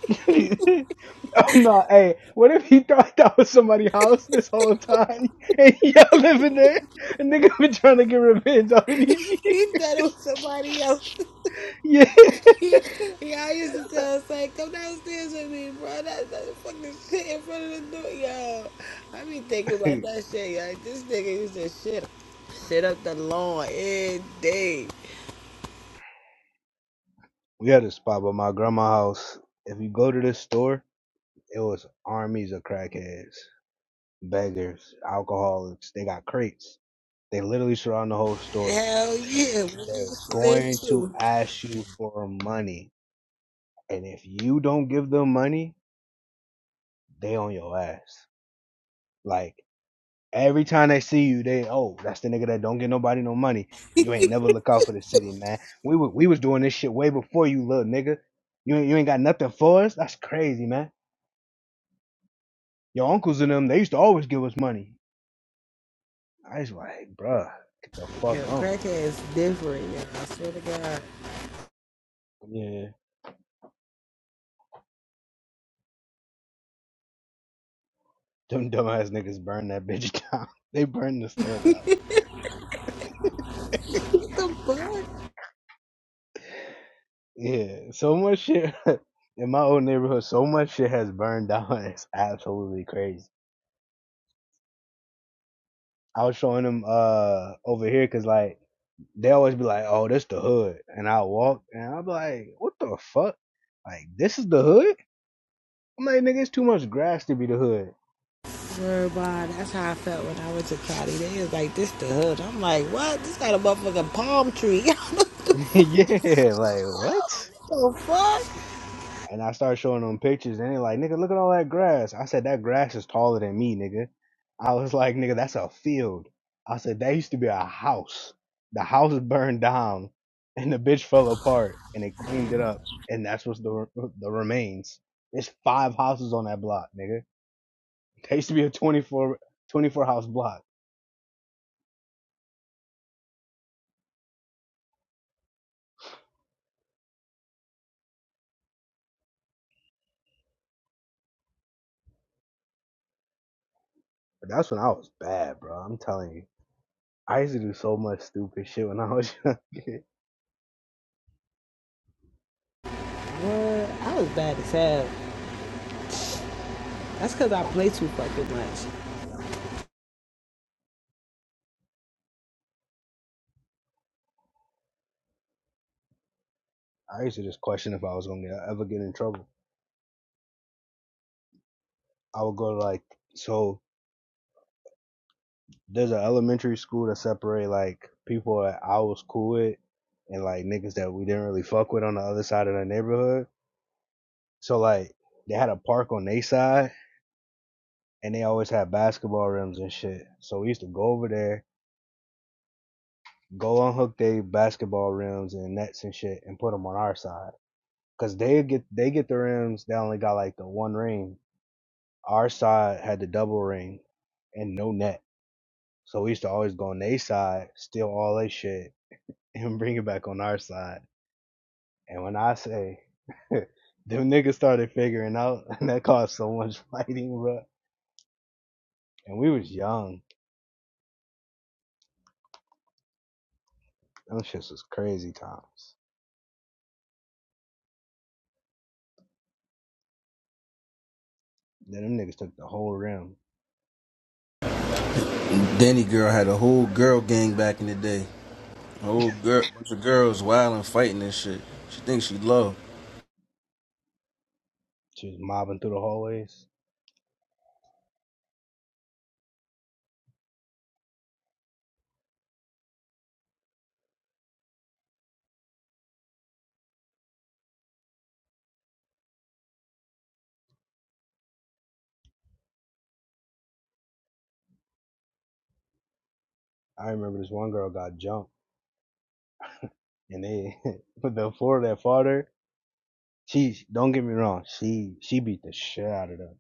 [SPEAKER 3] oh no, hey, what if he thought that was somebody's house this whole time and y'all living there? And nigga been trying to get revenge all these
[SPEAKER 5] He thought it was
[SPEAKER 3] years.
[SPEAKER 5] somebody else.
[SPEAKER 3] yeah.
[SPEAKER 5] yeah, I used to tell us, like, come downstairs with me, bro. That's that fucking shit in front of the door, yo. I be thinking about that shit, like, this nigga used to shit, shit up the lawn every day.
[SPEAKER 3] We had a spot by my grandma's house. If you go to this store, It was armies of crackheads, beggars, alcoholics. They got crates. They literally surround the whole store.
[SPEAKER 5] Hell yeah, what you
[SPEAKER 3] They're
[SPEAKER 5] used to live
[SPEAKER 3] going to
[SPEAKER 5] to?
[SPEAKER 3] ask you for money. And if you don't give them money, they on your ass. Like every time they see you, they oh, that's the nigga that don't get nobody no money. You ain't never look out for the city, man. We were, we was doing this shit way before you, little nigga. You ain't, you ain't got nothing for us. That's crazy, man. Your uncles and them, they used to always give us money. I was like, bruh, get the
[SPEAKER 5] Yo,
[SPEAKER 3] fuck on.
[SPEAKER 5] crackhead is different, yo. I swear to God.
[SPEAKER 3] Yeah, them dumbass niggas burned that bitch down. They burned the store down.
[SPEAKER 5] What the fuck?
[SPEAKER 3] Yeah, so much shit in my old neighborhood. So much shit has burned down. It's absolutely crazy. I was showing them uh over here because like they always be like, "Oh, this the hood," and I walk and I'm like, "What the fuck? Like this is the hood?" I'm like, "Nigga, it's too much grass to be the hood."
[SPEAKER 5] Swear to God, that's how I felt when I went to Cali. They was like, this the hood. I'm like, what? This got a motherfucking palm tree.
[SPEAKER 3] yeah, like what?
[SPEAKER 5] what the fuck?
[SPEAKER 3] And I started showing them pictures, and they like, nigga, look at all that grass. I said, that grass is taller than me, nigga. I was like, nigga, that's a field. I said, that used to be a house. The house burned down, and the bitch fell apart, and they cleaned it up, and that's what's the the remains. There's five houses on that block, nigga. That used to be a 24 24 house block. But that's when I was bad, bro. I'm telling you. I used to do so much stupid shit when I was young.
[SPEAKER 5] What? I was bad as hell. That's because I play too fucking much.
[SPEAKER 3] I used to just question if I was gonna get, ever get in trouble. I would go to like so there's an elementary school that separate like people that I was cool with and like niggas that we didn't really fuck with on the other side of the neighborhood. So like they had a park on their side and they always had basketball rims and shit. So we used to go over there, go unhook their basketball rims and nets and shit and put them on our side. Cause they get they get the rims. They only got like the one ring. Our side had the double ring and no net. So we used to always go on their side, steal all their shit, and bring it back on our side. And when I say them niggas started figuring out, and that caused so much fighting, bro. And we was young. Them shits was crazy times. Then them niggas took the whole rim. Like
[SPEAKER 1] Danny girl had a whole girl gang back in the day. A whole girl, bunch of girls wilding, fighting and shit. She thinks she love.
[SPEAKER 3] she was mobbing through the hallways. I remember this one girl got jumped, and they but the floor that fought her. She don't get me wrong. She she beat the shit out of them.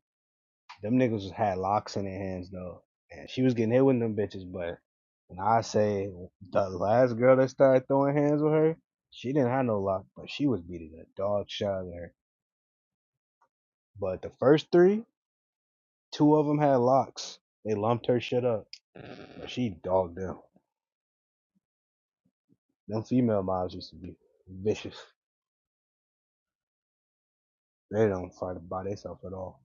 [SPEAKER 3] Them niggas had locks in their hands though, and she was getting hit with them bitches. But when I say the last girl that started throwing hands with her, she didn't have no lock, but she was beating the dog shit out of her. But the first three, two of them had locks. They lumped her shit up, but she dogged them. Them female mobs used to be vicious. They don't fight by themselves at all.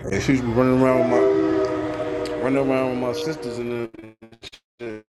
[SPEAKER 1] And she's running around with my running around with my sisters and them.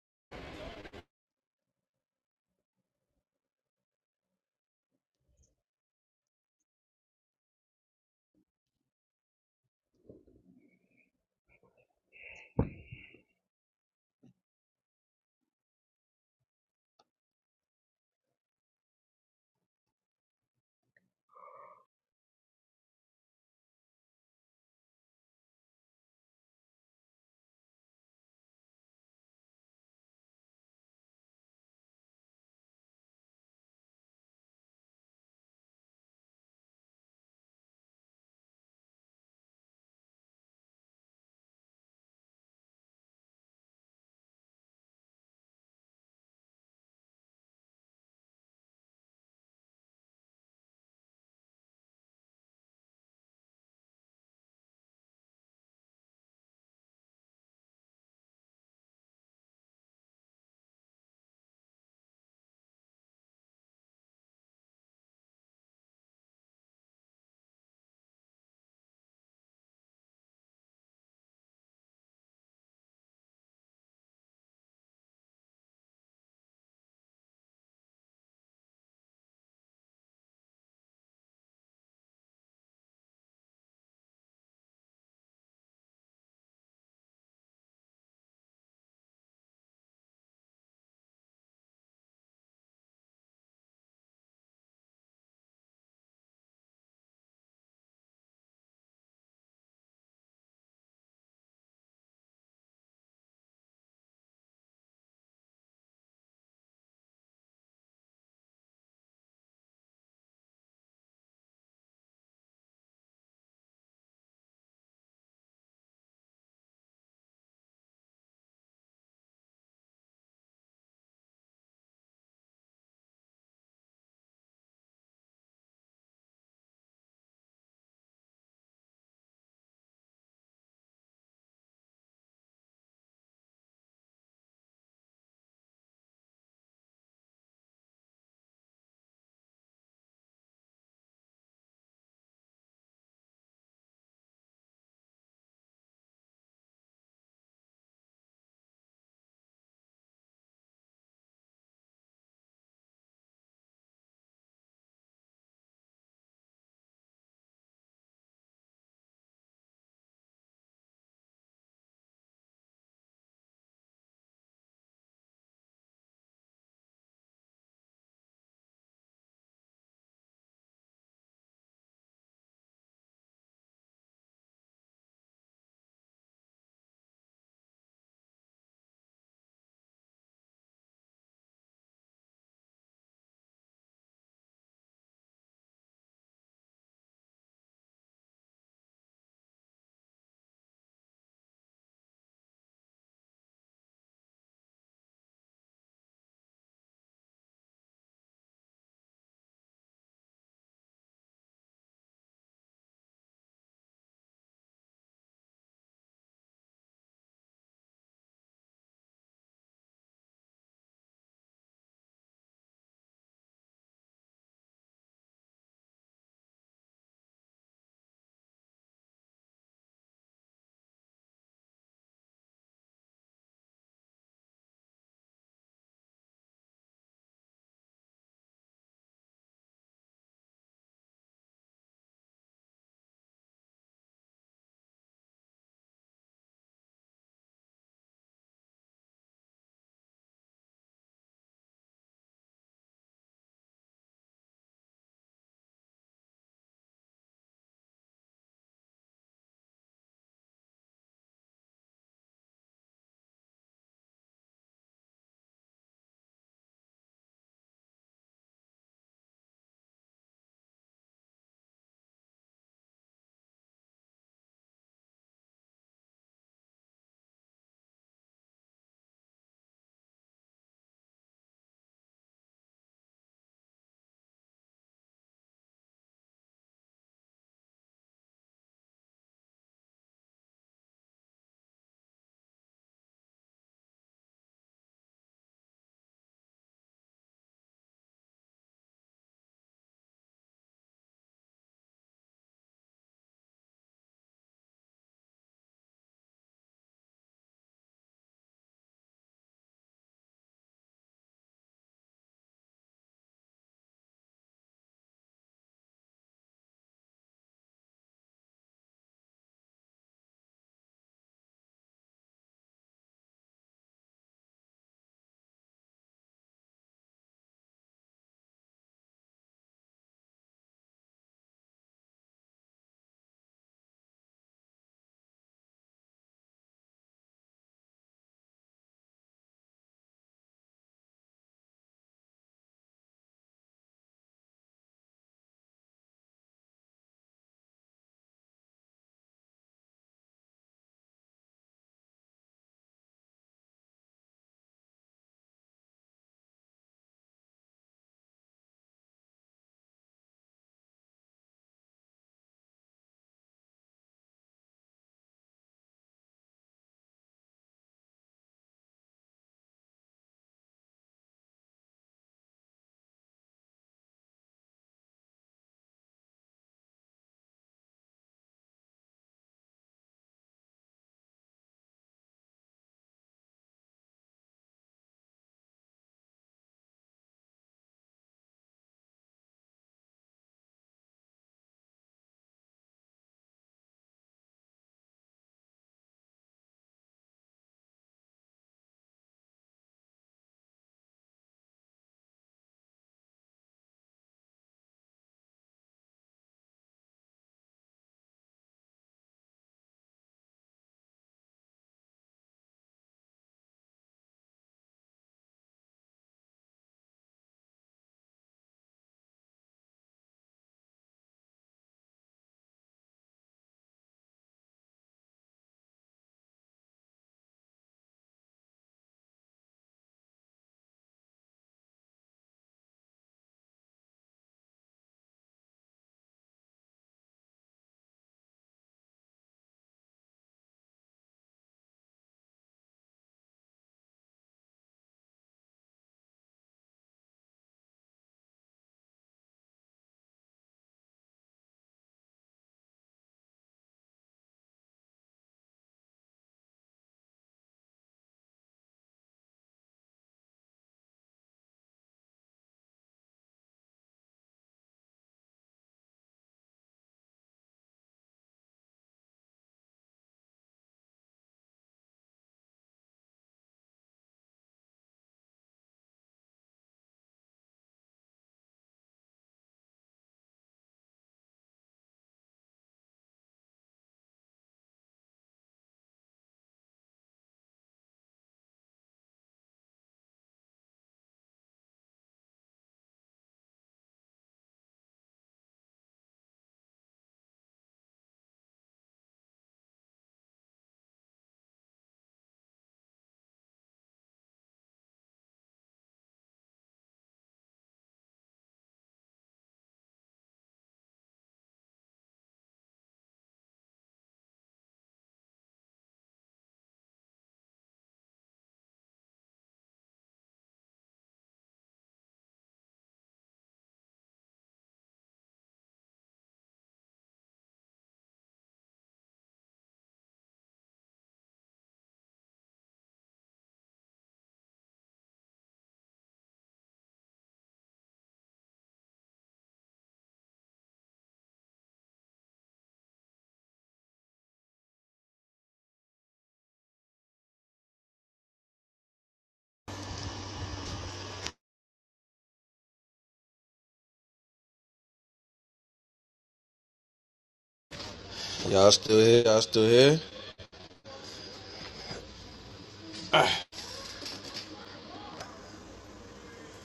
[SPEAKER 1] Y'all still here? Y'all still here?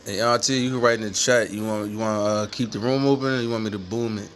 [SPEAKER 1] And y'all too, you can write in the chat. You want you want to uh, keep the room open, or you want me to boom it?